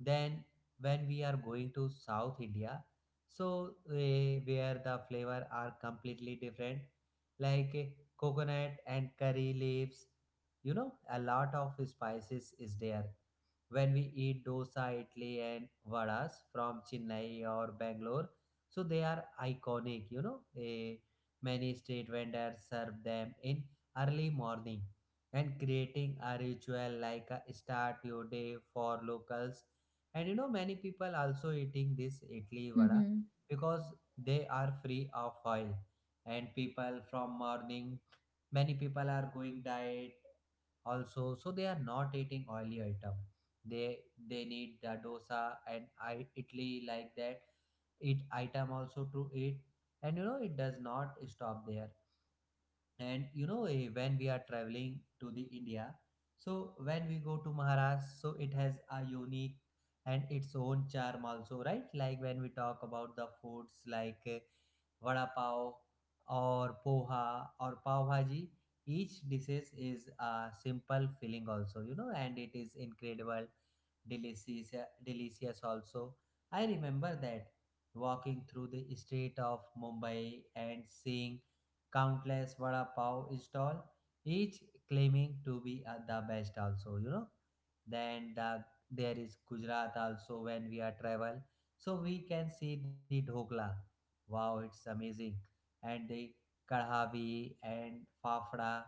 [SPEAKER 1] then when we are going to South India, so where the flavor are completely different, like, coconut and curry leaves, you know, a lot of spices is there when we eat dosa, idli, and vadas from Chennai or Bangalore. So they are iconic, you know. Many street vendors serve them in early morning and creating a ritual like a start your day for locals. And you know, many people also eating this idli vada
[SPEAKER 2] Mhm.
[SPEAKER 1] because they are free of oil. And people from morning, many people are going diet also, so they are not eating oily item. They they need the dosa and I, italy, like that eat item also to eat. And you know it does not stop there. And when we are traveling to the India, so when we go to Maharashtra, so it has a unique and its own charm also, right? Like when we talk about the foods like, vada pav, or poha or pav bhaji. Each dishes is a simple filling also, you know, and it is incredible delicious, delicious also. I remember that walking through the street of Mumbai and seeing countless vada pav stall, each claiming to be the best also, you know. Then there is Gujarat also when we are travel, so we can see the dhokla. Wow, it's amazing, and the kadhavi and fafda.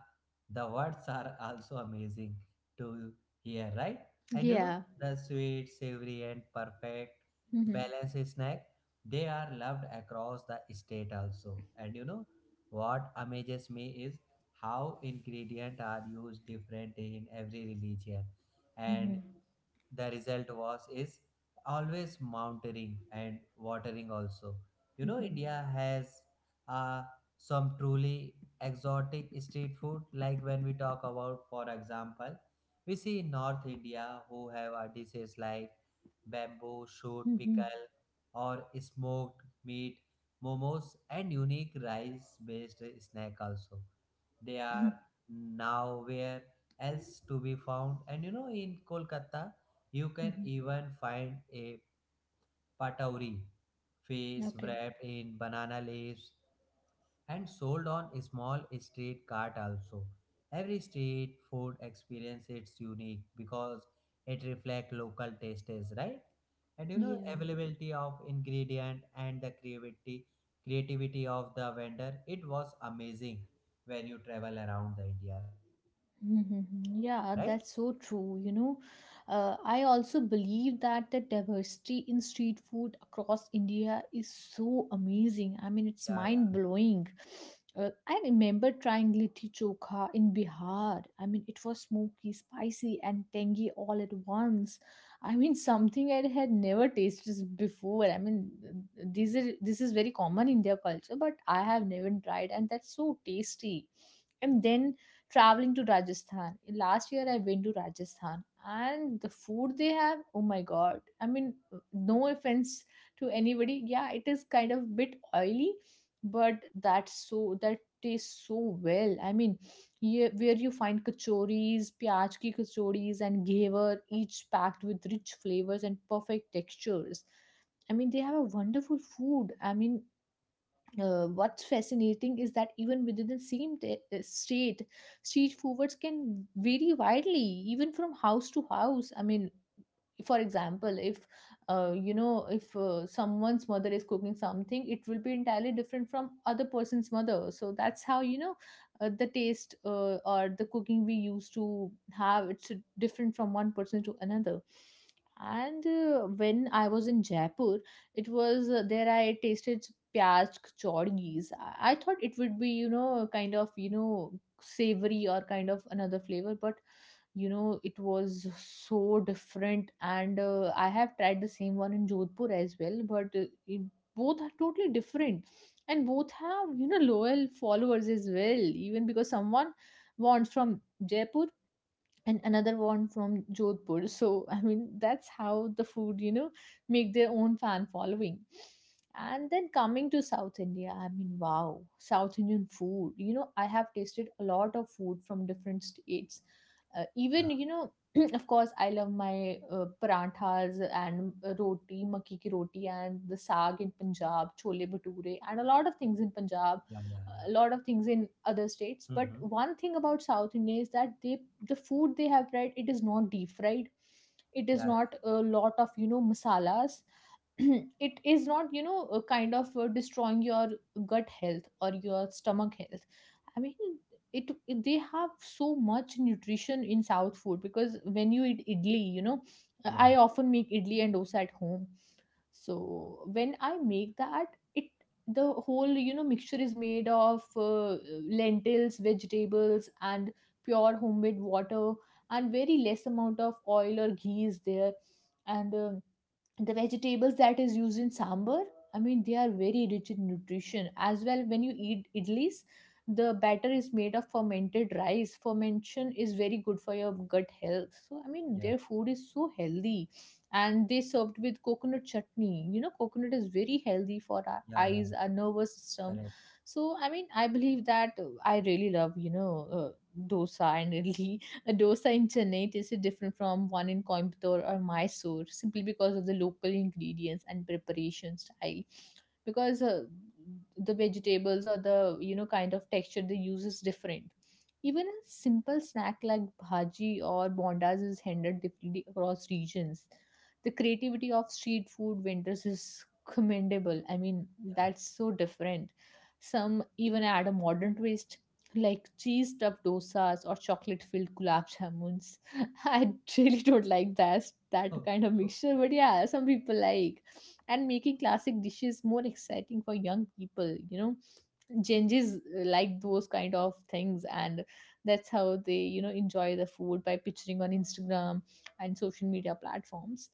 [SPEAKER 1] The words are also amazing to hear, right? And you know
[SPEAKER 2] Yeah.
[SPEAKER 1] the sweet, savory, and perfect
[SPEAKER 2] Mhm.
[SPEAKER 1] balance snack, they are loved across the state also. And you know what amazes me is how ingredients are used different in every religion. And
[SPEAKER 2] Mhm.
[SPEAKER 1] the result was is always mountaineering and watering also. You know
[SPEAKER 2] Mhm.
[SPEAKER 1] India has uh, some truly exotic street food, like when we talk about, for example, we see in North India who have dishes like bamboo shoot
[SPEAKER 2] Mhm.
[SPEAKER 1] pickle or smoked meat momos and unique rice based snack also. They are now where else to be found. And you know, in Kolkata you can
[SPEAKER 2] Mhm.
[SPEAKER 1] even find a patowri, face
[SPEAKER 2] Okay.
[SPEAKER 1] wrapped in banana leaves and sold on a small street cart also. Every street food experience is unique because it reflects local tastes, right? And you know
[SPEAKER 2] Yeah.
[SPEAKER 1] availability of ingredient and the creativity of the vendor. It was amazing when you travel around the India, right?
[SPEAKER 2] Mm-hmm. Yeah, that's so true. You know, I also believe that the diversity in street food across India is so amazing. I mean, it's
[SPEAKER 1] Yeah,
[SPEAKER 2] mind
[SPEAKER 1] yeah,
[SPEAKER 2] blowing. I remember trying litti chokha in Bihar. I mean, it was smoky, spicy, and tangy all at once. I mean, something I had never tasted before. I mean, these are this is very common in their culture, but I have never tried, and that's so tasty. And then traveling to Rajasthan. Last year I went to Rajasthan and the food they have, oh my god. I mean, no offense to anybody. Yeah, it is kind of bit oily, but that tastes so well. I mean, here, where you find kachoris, pyaj ki kachoris and ghevar, each packed with rich flavors and perfect textures. I mean, they have a wonderful food. I mean, what's fascinating is that even within the same state, street foods can vary widely, even from house to house. I mean, for example, if you know, if someone's mother is cooking something, it will be entirely different from other person's mother. So that's how, you know, the taste or the cooking we used to have, it's different from one person to another. And when I was in jaipur, it was, there I tasted pyaz kachauris. I thought it would be, you know, kind of, you know, savory or kind of another flavor, but you know it was so different. And I have tried the same one in jodhpur as well, but both are totally different, and both have, you know, loyal followers as well, even because someone wants from jaipur and another one from Jodhpur. So, I mean, that's how the food, you know, make their own fan following. And then coming to South India, I mean, wow, South Indian food. You know, I have tasted a lot of food from different states.
[SPEAKER 1] yeah,
[SPEAKER 2] Even you know of course I love my paranthas and roti, makki ki roti and the saag in Punjab, chole bhature and a lot of things in Punjab,
[SPEAKER 1] yeah, yeah, yeah.
[SPEAKER 2] a lot of things in other states. But
[SPEAKER 1] Mm-hmm.
[SPEAKER 2] one thing about south india is that the food they have fried, it is not deep fried, it is
[SPEAKER 1] Yeah,
[SPEAKER 2] not a lot of, you know, masalas. It is not, you know, a kind of destroying your gut health or your stomach health. I mean, it they have so much nutrition in south food. Because when you eat idli, you know,
[SPEAKER 1] yeah,
[SPEAKER 2] I often make idli and dosa at home. So when I make that, it the whole, you know, mixture is made of lentils, vegetables and pure homemade water, and very less amount of oil or ghee is there. And the vegetables that is used in sambar, I mean, they are very rich in nutrition as well. When you eat idlis, the batter is made of fermented rice, fermentation is very good for your gut health. So, I mean,
[SPEAKER 1] yeah, yeah,
[SPEAKER 2] their food is so healthy, and they served with coconut chutney. You know, coconut is very healthy for our
[SPEAKER 1] yeah, yeah.
[SPEAKER 2] eyes, our nervous system.
[SPEAKER 1] Correct.
[SPEAKER 2] So, I mean, I believe that, I really love, you know, dosa and idli. A dosa in chennai tastes different from one in coimbatore or mysore, simply because of the local ingredients and preparation style. Because the vegetables, or the, you know, kind of texture they use is different. Even a simple snack like bhaji or bondas is handled differently across regions. The creativity of street food vendors is commendable. I mean,
[SPEAKER 1] Yeah, yeah.
[SPEAKER 2] that's so different. Some even add a modern twist, like cheese stuffed dosas or chocolate filled gulab jamuns. I really don't like that, that
[SPEAKER 1] Oh,
[SPEAKER 2] kind of
[SPEAKER 1] oh.
[SPEAKER 2] mixture, but yeah, some people like, and making classic dishes more exciting for young people, you know, Genjis, like those kind of things. And that's how they, you know, enjoy the food by picturing on Instagram and social media platforms.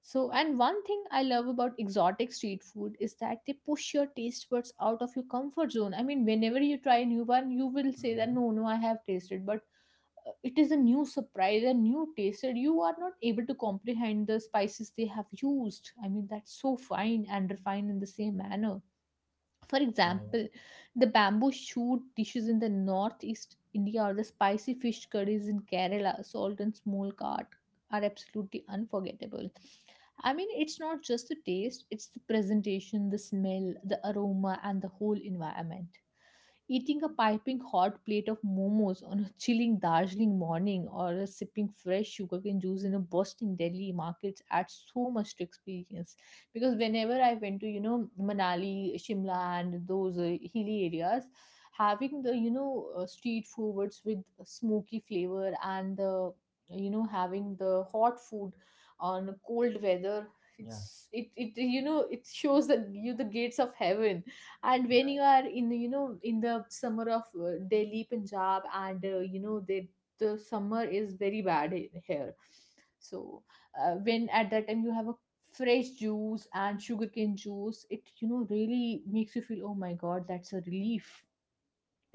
[SPEAKER 2] So, and one thing I love about exotic street food is that they push your taste buds out of your comfort zone. I mean, whenever you try a new one, you will say that
[SPEAKER 1] Mm-hmm.
[SPEAKER 2] no, I have tasted, but it is a new surprise, a new taste that you are not able to comprehend the spices they have used. I mean, that's so fine and refined in the same manner. For
[SPEAKER 1] Yeah, yeah,
[SPEAKER 2] example, the bamboo shoot dishes in the northeast india, or the spicy fish curries in kerala salt and small cart, are absolutely unforgettable. I mean, it's not just the taste, it's the presentation, the smell, the aroma and the whole environment. Eating a piping hot plate of momos on a chilling Darjeeling morning, or sipping fresh sugarcane juice in a bustling Delhi markets, adds so much to experience. Because whenever I went to, you know, Manali, Shimla, and those hilly areas, having the, you know, street foods with smoky flavor, and the, you know, having the hot food on cold weather,
[SPEAKER 1] yeah,
[SPEAKER 2] it you know it shows the you the gates of heaven. And when you
[SPEAKER 1] yeah,
[SPEAKER 2] are in, you know, in the summer of delhi, punjab, and you know they, the summer is very bad here. So when at that time you have a fresh juice and sugarcane juice, it, you know, really makes you feel, oh my god, that's a relief.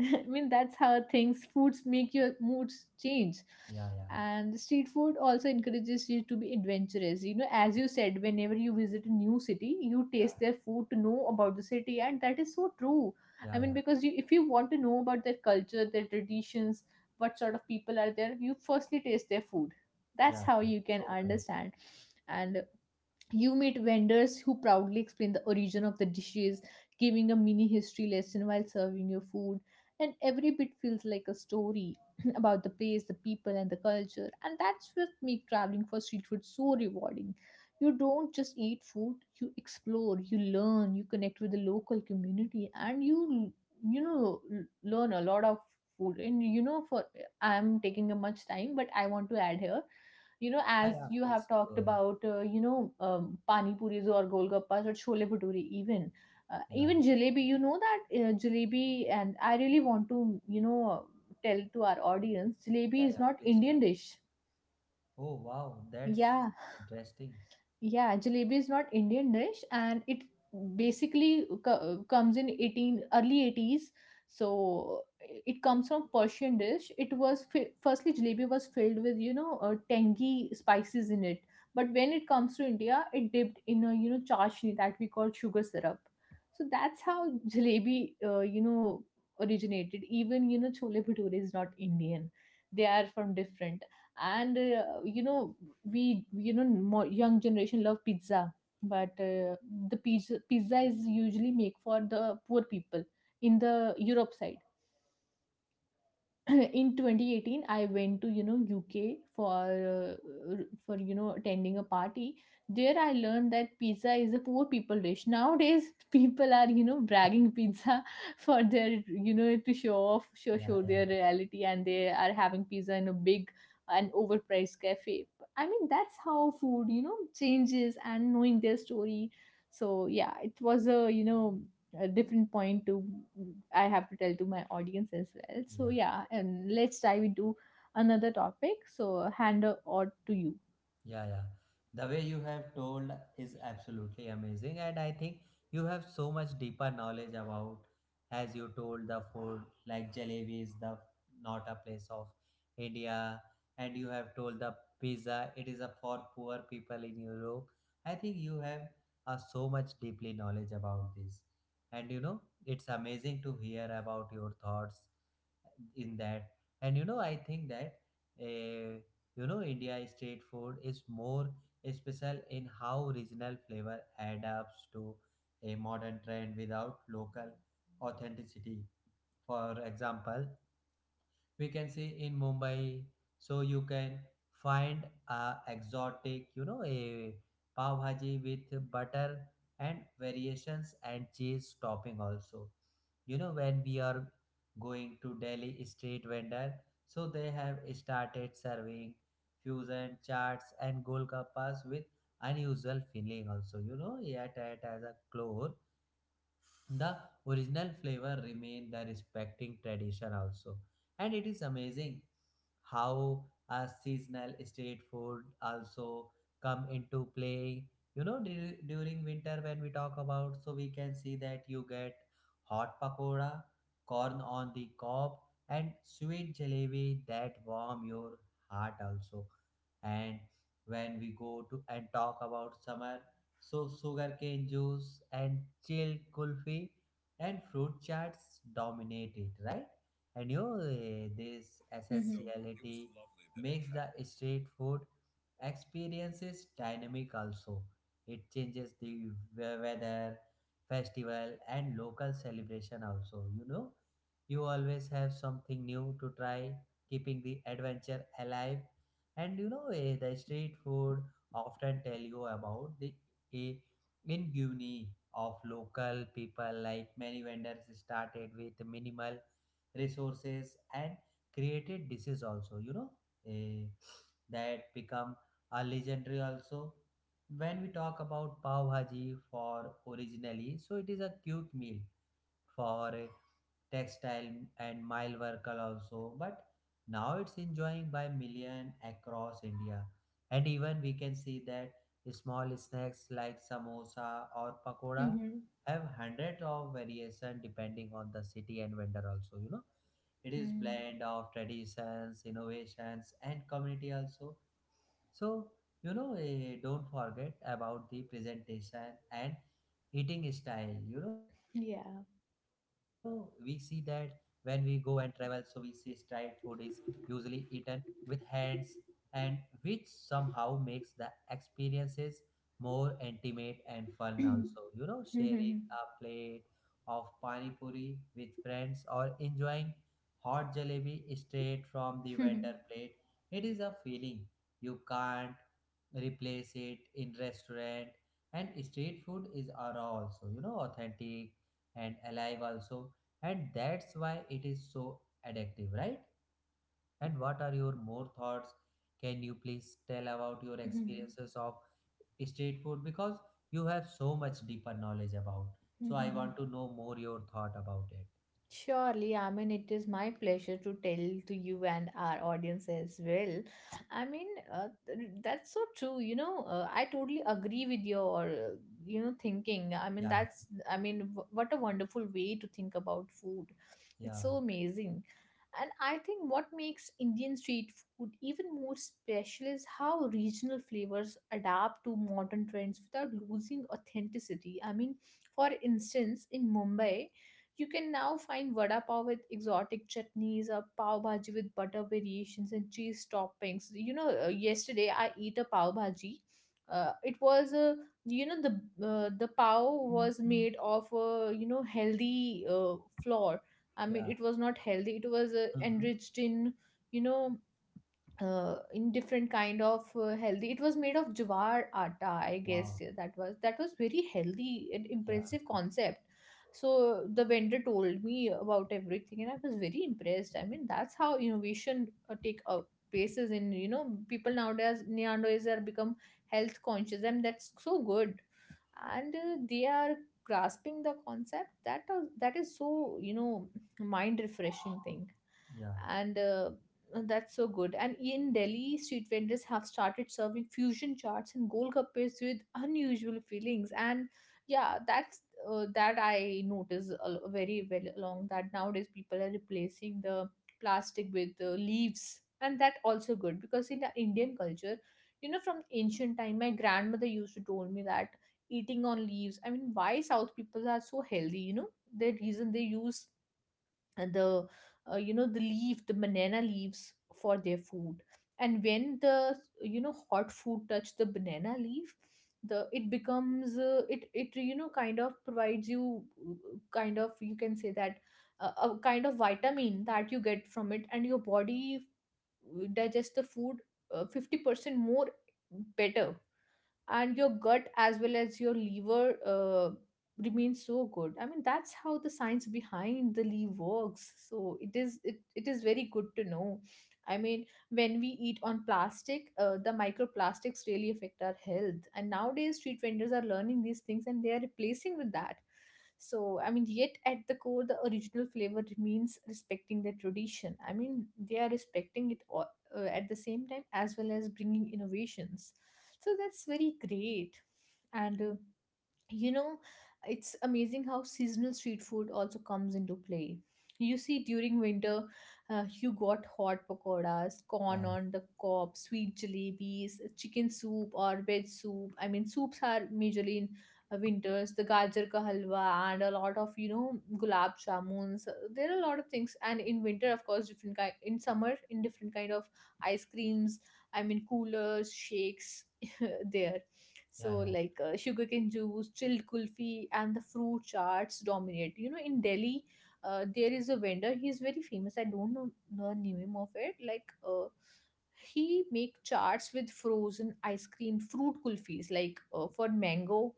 [SPEAKER 2] I mean, that's how things, foods make your moods change.
[SPEAKER 1] yeah, yeah,
[SPEAKER 2] And street food also encourages you to be adventurous. You know, as you said, whenever you visit a new city, you
[SPEAKER 1] yeah,
[SPEAKER 2] taste their food to know about the city, and that is so true. I
[SPEAKER 1] yeah,
[SPEAKER 2] mean,
[SPEAKER 1] yeah,
[SPEAKER 2] because if you want to know about their culture, their traditions, what sort of people are there, you firstly taste their food. That's
[SPEAKER 1] yeah,
[SPEAKER 2] how
[SPEAKER 1] yeah.
[SPEAKER 2] you can
[SPEAKER 1] So correct.
[SPEAKER 2] understand. And you meet vendors who proudly explain the origin of the dishes, giving a mini history lesson while serving your food. And every bit feels like a story about the place, the people, and the culture. And that's what makes traveling for street food so rewarding. You don't just eat food, you explore, you learn, you connect with the local community, and you learn a lot of food. And you know, for I'm taking a much time, but I want to add here as
[SPEAKER 1] Yeah, yeah.
[SPEAKER 2] you have
[SPEAKER 1] Please go
[SPEAKER 2] talked
[SPEAKER 1] ahead.
[SPEAKER 2] about pani puris or golgappas or chole bhature, even uh,
[SPEAKER 1] Yeah,
[SPEAKER 2] even jalebi. You know that Jalebi, and I really want to you know tell to our audience
[SPEAKER 1] yeah,
[SPEAKER 2] jalebi is
[SPEAKER 1] yeah.
[SPEAKER 2] not
[SPEAKER 1] Please
[SPEAKER 2] Indian
[SPEAKER 1] tell.
[SPEAKER 2] dish.
[SPEAKER 1] Oh, wow. That's
[SPEAKER 2] Yeah,
[SPEAKER 1] interesting.
[SPEAKER 2] yeah, jalebi is not Indian dish, and it basically comes in 18 early 80s. So it comes from Persian dish. It was firstly jalebi was filled with tangy spices in it, but when it comes to India, it dipped in a chashni that we call sugar syrup. So that's how jalebi originated. Even chole bhature is not Indian; they are from different. And we, more young generation love pizza, but the pizza is usually make for the poor people in the Europe side. In 2018, I went to UK for uh, attending a party. There I learned that pizza is a poor people dish nowadays. People are bragging pizza for their, to show off,
[SPEAKER 1] Yeah,
[SPEAKER 2] show their
[SPEAKER 1] yeah,
[SPEAKER 2] reality, and they are having pizza in a big and overpriced cafe. I mean, that's how food changes and knowing their story. So yeah, it was a a different point to I have to tell to my audience as well. So
[SPEAKER 1] yeah.
[SPEAKER 2] yeah, and let's dive into another topic. So hand or to you.
[SPEAKER 1] Yeah, yeah. The way you have told is absolutely amazing, and I think you have so much deeper knowledge about, as you told, the food like jalebi is the not a place of India, and you have told the pizza it is a for poor people in Europe. I think you have so much deeply knowledge about this, and you know it's amazing to hear about your thoughts in that. And you know I think that, uh, you know, India street food is more special in how regional flavor adapts to a modern trend without local authenticity. For example, we can see in Mumbai. So you can find a exotic, you know, a pav bhaji with butter and variations and cheese topping also. You know, when we are going to Delhi street vendor, so they have started serving fusion charts and golgappas with unusual filling also. You know, yet it has a clore the original flavor remain the respecting tradition also. And it is amazing how a seasonal street food also come into play. You know, during winter when we talk about, so we can see that you get hot pakoda, corn on the cob, and sweet jalebi that warm your heart also. And when we go to and talk about summer, so sugarcane juice and chilled kulfi and fruit charts dominate it, right? And this
[SPEAKER 2] Mhm.
[SPEAKER 1] essentiality makes the street food experiences dynamic also. It changes the weather, festival and local celebration also. You know, you always have something new to try, keeping the adventure alive. And the street food often tell you about the eh, ingenuity of local people. Like many vendors started with minimal resources and created dishes also. You know, eh, that become a legendary also. When we talk about pav bhaji, for originally, so it is a cute meal for textile and mile worker also, but now it's enjoying by million across India. And even we can see that small snacks like samosa or pakoda
[SPEAKER 2] Mhm.
[SPEAKER 1] have hundreds of variation depending on the city and vendor also. You know, it is
[SPEAKER 2] Mhm.
[SPEAKER 1] blend of traditions innovations and community also. So, don't forget about the presentation and eating style. You know, we see
[SPEAKER 2] Yeah.
[SPEAKER 1] that when we go and travel, so we see street food is usually eaten with hands, and which somehow makes the experiences more intimate and fun also. You know, sharing
[SPEAKER 2] Mhm.
[SPEAKER 1] a plate of pani puri with friends or enjoying hot jalebi straight from the vendor
[SPEAKER 2] Mhm.
[SPEAKER 1] plate, it is a feeling you can't replace it in restaurant. And street food is are also, you know, authentic and alive also. And that's why it is so addictive, right? And what are your more thoughts? Can you please tell about your
[SPEAKER 2] Mhm. Mhm.
[SPEAKER 1] experiences of street food? Because you have so much deeper knowledge about, so I want
[SPEAKER 2] Mhm.
[SPEAKER 1] to know more your thought about it.
[SPEAKER 2] Surely, I mean, it is my pleasure to tell to you and our audience as well. I mean, that's so true. You know, I totally agree with your, thinking. I mean,
[SPEAKER 1] Yeah, yeah,
[SPEAKER 2] that's, I mean, w- what a wonderful way to think about food. It's
[SPEAKER 1] yeah,
[SPEAKER 2] so amazing. And I think what makes Indian street food even more special is how regional flavors adapt to modern trends without losing authenticity. I mean, for instance, in Mumbai, you can now find vada pav with exotic chutneys or pav bhaji with butter variations and cheese toppings. You know, yesterday I eat a pav bhaji. It was a you know The pav was made of healthy, flour. I mean,
[SPEAKER 1] yeah,
[SPEAKER 2] it was not healthy. It was
[SPEAKER 1] mm-hmm.
[SPEAKER 2] enriched in, you know in different kind of, healthy. It was made of jawar atta, I guess.
[SPEAKER 1] Wow.
[SPEAKER 2] Yeah, that was very healthy and
[SPEAKER 1] Yeah,
[SPEAKER 2] impressive concept. So the vendor told me about everything and I was very impressed. I mean, that's how innovation take, places in, people nowadays are become health conscious, and that's so good. And they are grasping the concept that, that is so, mind refreshing thing.
[SPEAKER 1] yeah,
[SPEAKER 2] And that's so good. And in Delhi, street vendors have started serving fusion charts and golgappes with unusual fillings. And yeah, that's, that I notice very well along that nowadays people are replacing the plastic with, leaves, and that also good because in the Indian culture, you know, from ancient time, my grandmother used to told me that eating on leaves. I mean, why South people are so healthy? You know, the reason they use the you know the leaf the banana leaves for their food. And when the hot food touch the banana leaf, the it becomes, it it you know kind of provides you, kind of, you can say that, a kind of vitamin that you get from it, and your body digests the food 50% more better, and your gut as well as your liver remains so good. I mean, that's how the science behind the leaf works. So it is very good to know. I mean, when we eat on plastic, the microplastics really affect our health, and nowadays street vendors are learning these things, and they are replacing with that. So, I mean, yet at the core, the original flavor remains respecting the tradition. I mean, they are respecting it all, at the same time as well as bringing innovations. So, that's very great. And you know it's amazing how seasonal street food also comes into play. You see, during winter, you got hot pakoras, corn
[SPEAKER 1] yeah,
[SPEAKER 2] on the cob, sweet jalebis, chicken soup or veg soup. I mean, soups are majorly in, winters, the gajar ka halwa and a lot of gulab jamuns. There are a lot of things, and in winter, of course, different kind. In summer, in different kind of ice creams. I mean, coolers, shakes. There.
[SPEAKER 1] yeah, yeah,
[SPEAKER 2] So,
[SPEAKER 1] yeah, yeah,
[SPEAKER 2] like, sugarcane juice, chilled kulfi, and the fruit charts dominate. You know, in Delhi, there is a vendor. He's very famous. I don't know the name of it. Like, he make charts with frozen ice cream, fruit kulfis, like, for mango.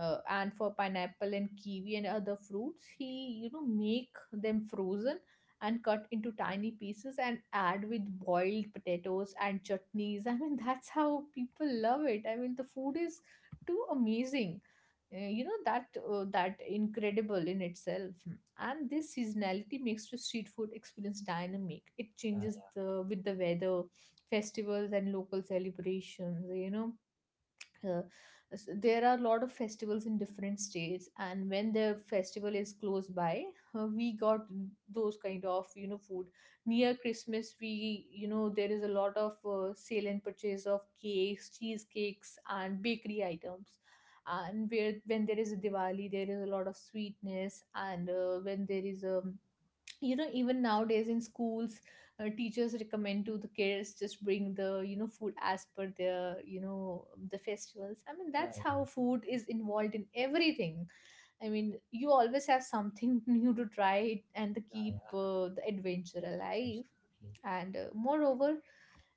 [SPEAKER 2] And for pineapple and kiwi and other fruits, he make them frozen and cut into tiny pieces and add with boiled potatoes and chutneys. I mean, that's how people love it. I mean, the food is too amazing. That incredible in itself. And this seasonality makes the street food experience dynamic. It changes
[SPEAKER 1] yeah,
[SPEAKER 2] the with the weather, festivals and local celebrations. Uh, there are a lot of festivals in different states, and when the festival is close by, we got those kind of food. Near Christmas, we, there is a lot of, sale and purchase of cakes, cheesecakes and bakery items. And where when there is a Diwali, there is a lot of sweetness. And when there is a you know even nowadays in schools, teachers recommend to the kids just bring the, food as per their, the festivals. I mean,
[SPEAKER 1] yeah,
[SPEAKER 2] that's
[SPEAKER 1] yeah,
[SPEAKER 2] how food is involved in everything. I mean, you always have something new to try and to
[SPEAKER 1] yeah.
[SPEAKER 2] keep, the adventure alive.
[SPEAKER 1] Absolutely.
[SPEAKER 2] And, moreover,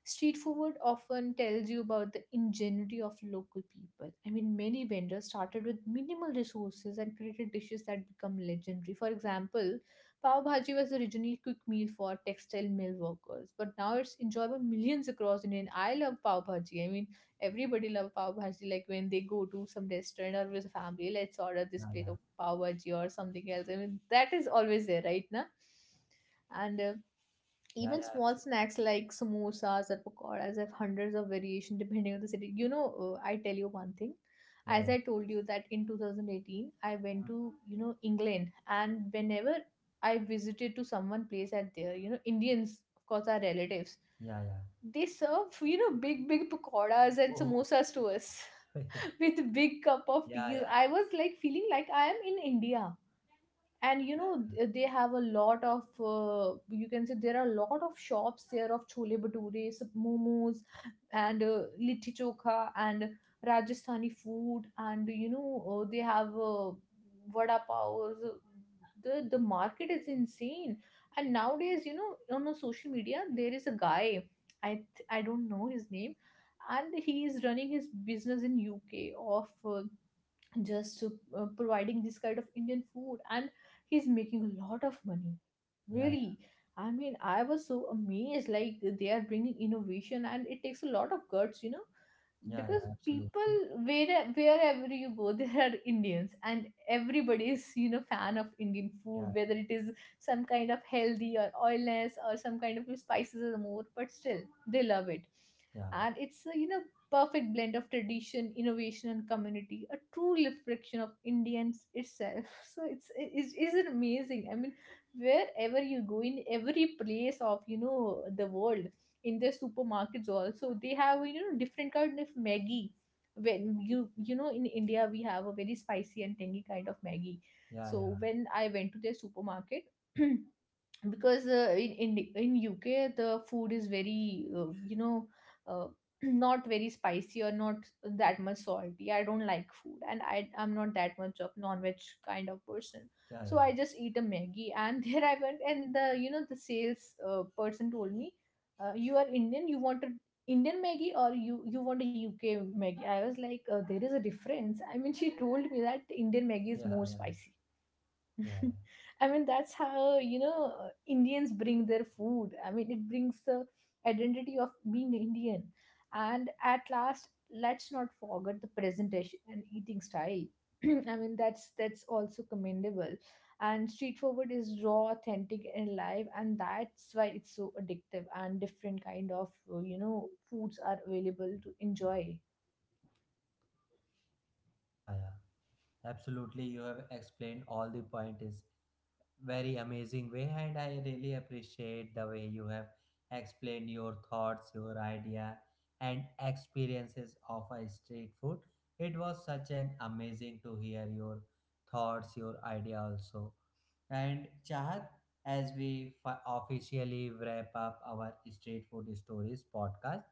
[SPEAKER 2] street food often tells you about the ingenuity of local people. I mean, many vendors started with minimal resources and created dishes that become legendary. For example, pav bhaji was originally a quick meal for textile mill workers, but now it's enjoyed by millions across India. And I love pav bhaji. I mean, everybody loves pav bhaji. Like when they go to some restaurant or with family, let's order this
[SPEAKER 1] Yeah,
[SPEAKER 2] plate
[SPEAKER 1] yeah.
[SPEAKER 2] of pav bhaji or something else. I mean, that is always there, right now. And,
[SPEAKER 1] Yeah,
[SPEAKER 2] even
[SPEAKER 1] yeah,
[SPEAKER 2] small
[SPEAKER 1] absolutely.
[SPEAKER 2] snacks like samosas or pakoras have hundreds of variation depending on the city. You know, I tell you one thing.
[SPEAKER 1] Yeah,
[SPEAKER 2] As
[SPEAKER 1] yeah.
[SPEAKER 2] I told you that in 2018, I went
[SPEAKER 1] Mm.
[SPEAKER 2] to, you know, England, and whenever I visited to someone place at there, you know, Indians, of course, our relatives,
[SPEAKER 1] Yeah, yeah.
[SPEAKER 2] they serve, you know, big, big pakoras and
[SPEAKER 1] Oh.
[SPEAKER 2] samosas to us
[SPEAKER 1] yeah,
[SPEAKER 2] with big cup of teas.
[SPEAKER 1] yeah.
[SPEAKER 2] I was like feeling like I am in India, and
[SPEAKER 1] Yeah, yeah.
[SPEAKER 2] they have a lot of, you can say, there are a lot of shops there of chole bhature, momos, and, litti chokha and Rajasthani food. And they have, vada pavs. The market is insane. And nowadays, on the social media, there is a guy. I don't know his name, and he is running his business in UK of, just to, providing this kind of Indian food, and he's making a lot of money.
[SPEAKER 1] Yeah, yeah.
[SPEAKER 2] Really, I mean, I was so amazed. Like they are bringing innovation, and it takes a lot of guts, you know,
[SPEAKER 1] Yeah, yeah,
[SPEAKER 2] because people,
[SPEAKER 1] absolutely.
[SPEAKER 2] wherever you go, there are Indians, and everybody is fan of Indian food,
[SPEAKER 1] Yeah,
[SPEAKER 2] whether it is some kind of healthy or oilless or some kind of spices or more, but still they love it.
[SPEAKER 1] yeah.
[SPEAKER 2] And it's, perfect blend of tradition, innovation, and community, a true reflection of Indians itself. So it's amazing. I mean, wherever you go in every place of the world, in their supermarkets also they have different kind of Maggie. When you know in India we have a very spicy and tangy kind of Maggie.
[SPEAKER 1] Yeah, yeah.
[SPEAKER 2] So when I went to their supermarket. Because in UK the food is very uh, not very spicy or not that much salty. I don't like food and I'm not that much of non-veg kind of person.
[SPEAKER 1] Yeah,
[SPEAKER 2] So
[SPEAKER 1] yeah.
[SPEAKER 2] I just eat a Maggie and there I went and the you know the sales person told me, you are Indian, you want a Indian Maggie or you want a UK Maggie? I was like, there is a difference. I mean, she told me that the Indian Maggie
[SPEAKER 1] Yeah,
[SPEAKER 2] is more
[SPEAKER 1] yeah.
[SPEAKER 2] spicy.
[SPEAKER 1] Yeah, yeah.
[SPEAKER 2] I mean, that's how, you know, Indians bring their food. I mean, it brings the identity of being Indian. And at last, let's not forget the presentation and eating style. I mean, that's also commendable. And street forward is raw,
[SPEAKER 1] Yeah, yeah.
[SPEAKER 2] authentic, and live, and that's why it's so addictive. And different kind of, you know, foods are available to enjoy.
[SPEAKER 1] Yeah, yeah. Absolutely. You have explained all the point is very amazing way, and I really appreciate the way you have explained your thoughts, your idea, and experiences of a street food. It was such an amazing to hear your thoughts, your idea also. And Chahat, as we officially wrap up our Street Food Stories podcast,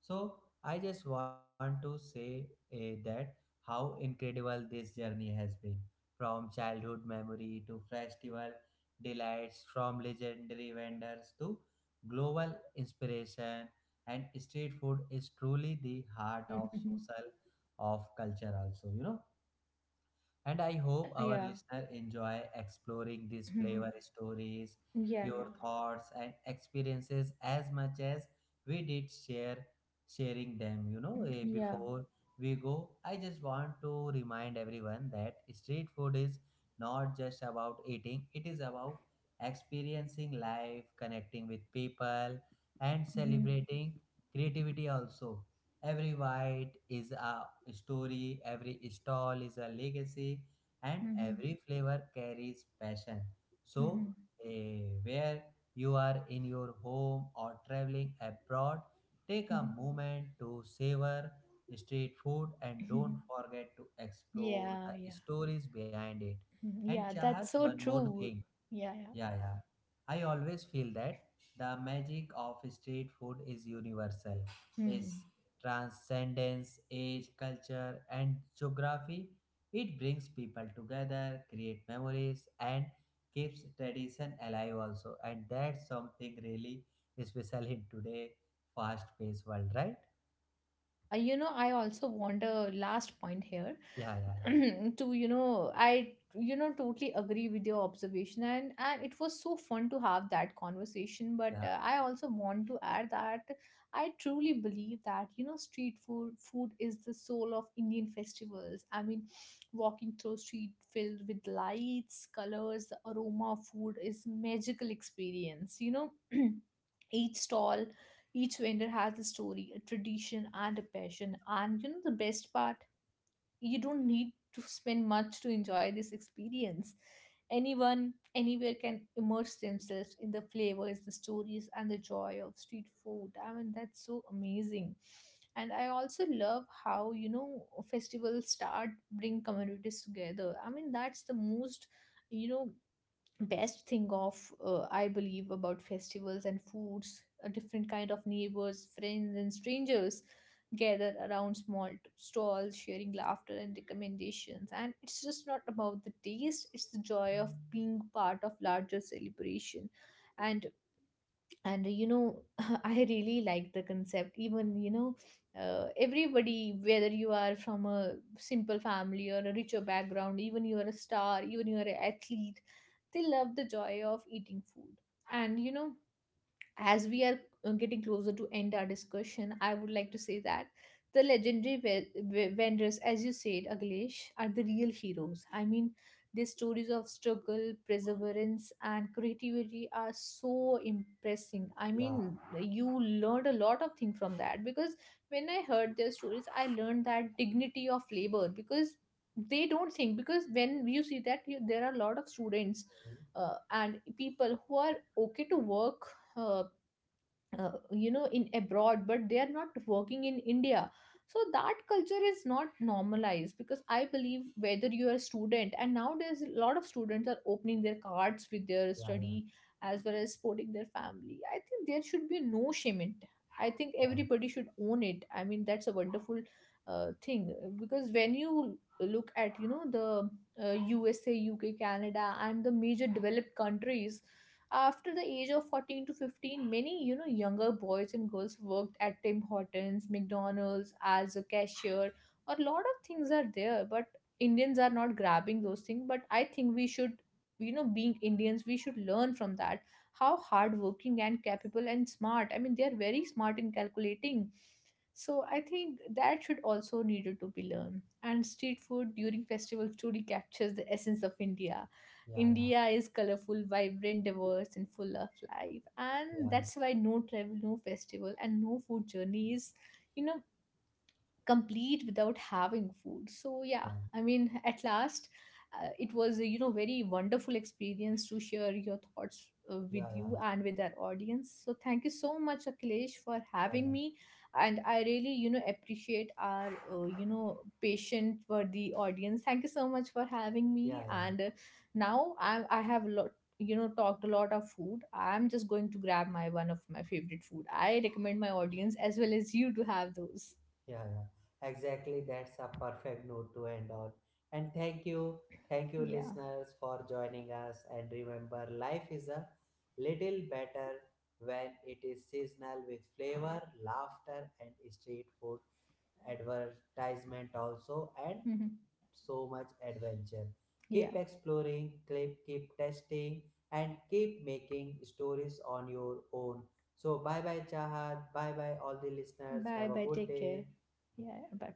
[SPEAKER 1] so I just want to say, that how incredible this journey has been, from childhood memory to festival delights, from legendary vendors to global inspiration. And street food is truly the heart of
[SPEAKER 2] Yeah,
[SPEAKER 1] social, of culture, also, you know. And I hope our
[SPEAKER 2] yeah.
[SPEAKER 1] listener enjoy exploring these flavor stories,
[SPEAKER 2] Yeah, yeah.
[SPEAKER 1] your thoughts and experiences as much as we did share sharing them. You know,
[SPEAKER 2] Yeah.
[SPEAKER 1] before we go, I just want to remind everyone that street food is not just about eating; it is about experiencing life, connecting with people, and celebrating creativity also. Every white is a story, every stall is a legacy, and
[SPEAKER 2] Mhm.
[SPEAKER 1] every flavor carries passion. So,
[SPEAKER 2] Mhm,
[SPEAKER 1] where you are in your home or traveling abroad, take a
[SPEAKER 2] mhm,
[SPEAKER 1] moment to savor street food and don't
[SPEAKER 2] mhm.
[SPEAKER 1] forget to explore
[SPEAKER 2] Yeah,
[SPEAKER 1] the
[SPEAKER 2] yeah,
[SPEAKER 1] stories behind it.
[SPEAKER 2] mhm,
[SPEAKER 1] And
[SPEAKER 2] yeah.
[SPEAKER 1] Chahat,
[SPEAKER 2] That's so
[SPEAKER 1] one more thing,
[SPEAKER 2] true. Yeah, yeah.
[SPEAKER 1] yeah, yeah. I always feel that the magic of street food is universal.
[SPEAKER 2] Mm.
[SPEAKER 1] Its transcendence, age, culture, and geography. It brings people together, create memories, and keeps tradition alive also. And that's something really special in today fast-paced world, right?
[SPEAKER 2] Yeah, you know, I also want a last point here.
[SPEAKER 1] Yeah, yeah,
[SPEAKER 2] To, you know, I, you know, totally agree with your observation, and it was so fun to have that conversation, but
[SPEAKER 1] yeah,
[SPEAKER 2] I also want to add that I truly believe that street food is the soul of Indian festivals. I mean, walking through street filled with lights, colors, the aroma of food is magical experience. Each stall, each vendor has a story, a tradition, and a passion. And the best part, you don't need to spend much to enjoy this experience. Anyone, anywhere can immerse themselves in the flavors, the stories, and the joy of street food. I mean, that's so amazing. And I also love how, you know, festivals start bring communities together. I mean, that's the most, you know, best thing of I believe about festivals and foods. A different kind of neighbors, friends, and strangers gather around small stalls sharing laughter and recommendations. And it's just not about the taste, it's the joy of being part of larger celebration. And and I really like the concept. Even everybody, whether you are from a simple family or a richer background, even you are a star, even you are an athlete, they love the joy of eating food. And as we are getting closer to end our discussion, I would like to say that the legendary vendors, as you said, Aglesh, are the real heroes. I mean, their stories of struggle, perseverance, and creativity are so impressing. I
[SPEAKER 1] yeah, yeah.
[SPEAKER 2] mean, you learned a lot of things from that, because when I heard their stories, I learned that dignity of labor, because they don't think. Because when you see that, you, there are a lot of students and people who are okay to work, uh, you know, in abroad, but they are not working in India. So that culture is not normalized because I believe, whether you are a student, and nowadays a lot of students are opening their cards with their
[SPEAKER 1] Yeah, yeah,
[SPEAKER 2] study as well as supporting their family, I think there should be no shame in it. I think
[SPEAKER 1] yeah,
[SPEAKER 2] everybody should own it. I mean, that's a wonderful thing. Because when you look at, you know, the USA, UK, Canada, and the major developed countries, after the age of 14 to 15, many, you know, younger boys and girls worked at Tim Hortons, McDonald's as a cashier. Or a lot of things are there, but Indians are not grabbing those things. But I think we should, you know, being Indians, we should learn from that how hardworking and capable and smart. I mean, they are very smart in calculating. So I think that should also needed to be learned. And street food during festivals truly captures the essence of India. India is colorful, vibrant, diverse, and full of life. And
[SPEAKER 1] yeah, yeah,
[SPEAKER 2] that's why no travel, no festival, and no food journey is, you know, complete without having food. So yeah,
[SPEAKER 1] yeah, yeah,
[SPEAKER 2] I mean, at last, it was a, you know, very wonderful experience to share your thoughts
[SPEAKER 1] yeah,
[SPEAKER 2] with
[SPEAKER 1] yeah, yeah,
[SPEAKER 2] you and with our audience. So thank you so much, Akhilesh, for
[SPEAKER 1] yeah,
[SPEAKER 2] having
[SPEAKER 1] yeah,
[SPEAKER 2] me. And I really, you know, appreciate our patient worthy audience. Thank you so much for having
[SPEAKER 1] yeah,
[SPEAKER 2] me.
[SPEAKER 1] yeah.
[SPEAKER 2] And now I have lot, you know, talked a lot of food. I'm just going to grab my one of my favorite food. I recommend my audience as well as you to have those.
[SPEAKER 1] Yeah, yeah. Exactly. That's a perfect note to end on. And thank you. Thank you,
[SPEAKER 2] Yeah.
[SPEAKER 1] listeners, for joining us. And remember, life is a little better when it is seasonal with flavor, laughter, and street food advertisement also, and
[SPEAKER 2] Mhm.
[SPEAKER 1] so much adventure. Keep
[SPEAKER 2] Yeah.
[SPEAKER 1] exploring, keep testing, and keep making stories on your own. So, bye bye, Chahat. Bye bye, all the listeners.
[SPEAKER 2] Bye
[SPEAKER 1] Have a
[SPEAKER 2] bye.
[SPEAKER 1] good
[SPEAKER 2] Take care.
[SPEAKER 1] day.
[SPEAKER 2] Yeah. Bye.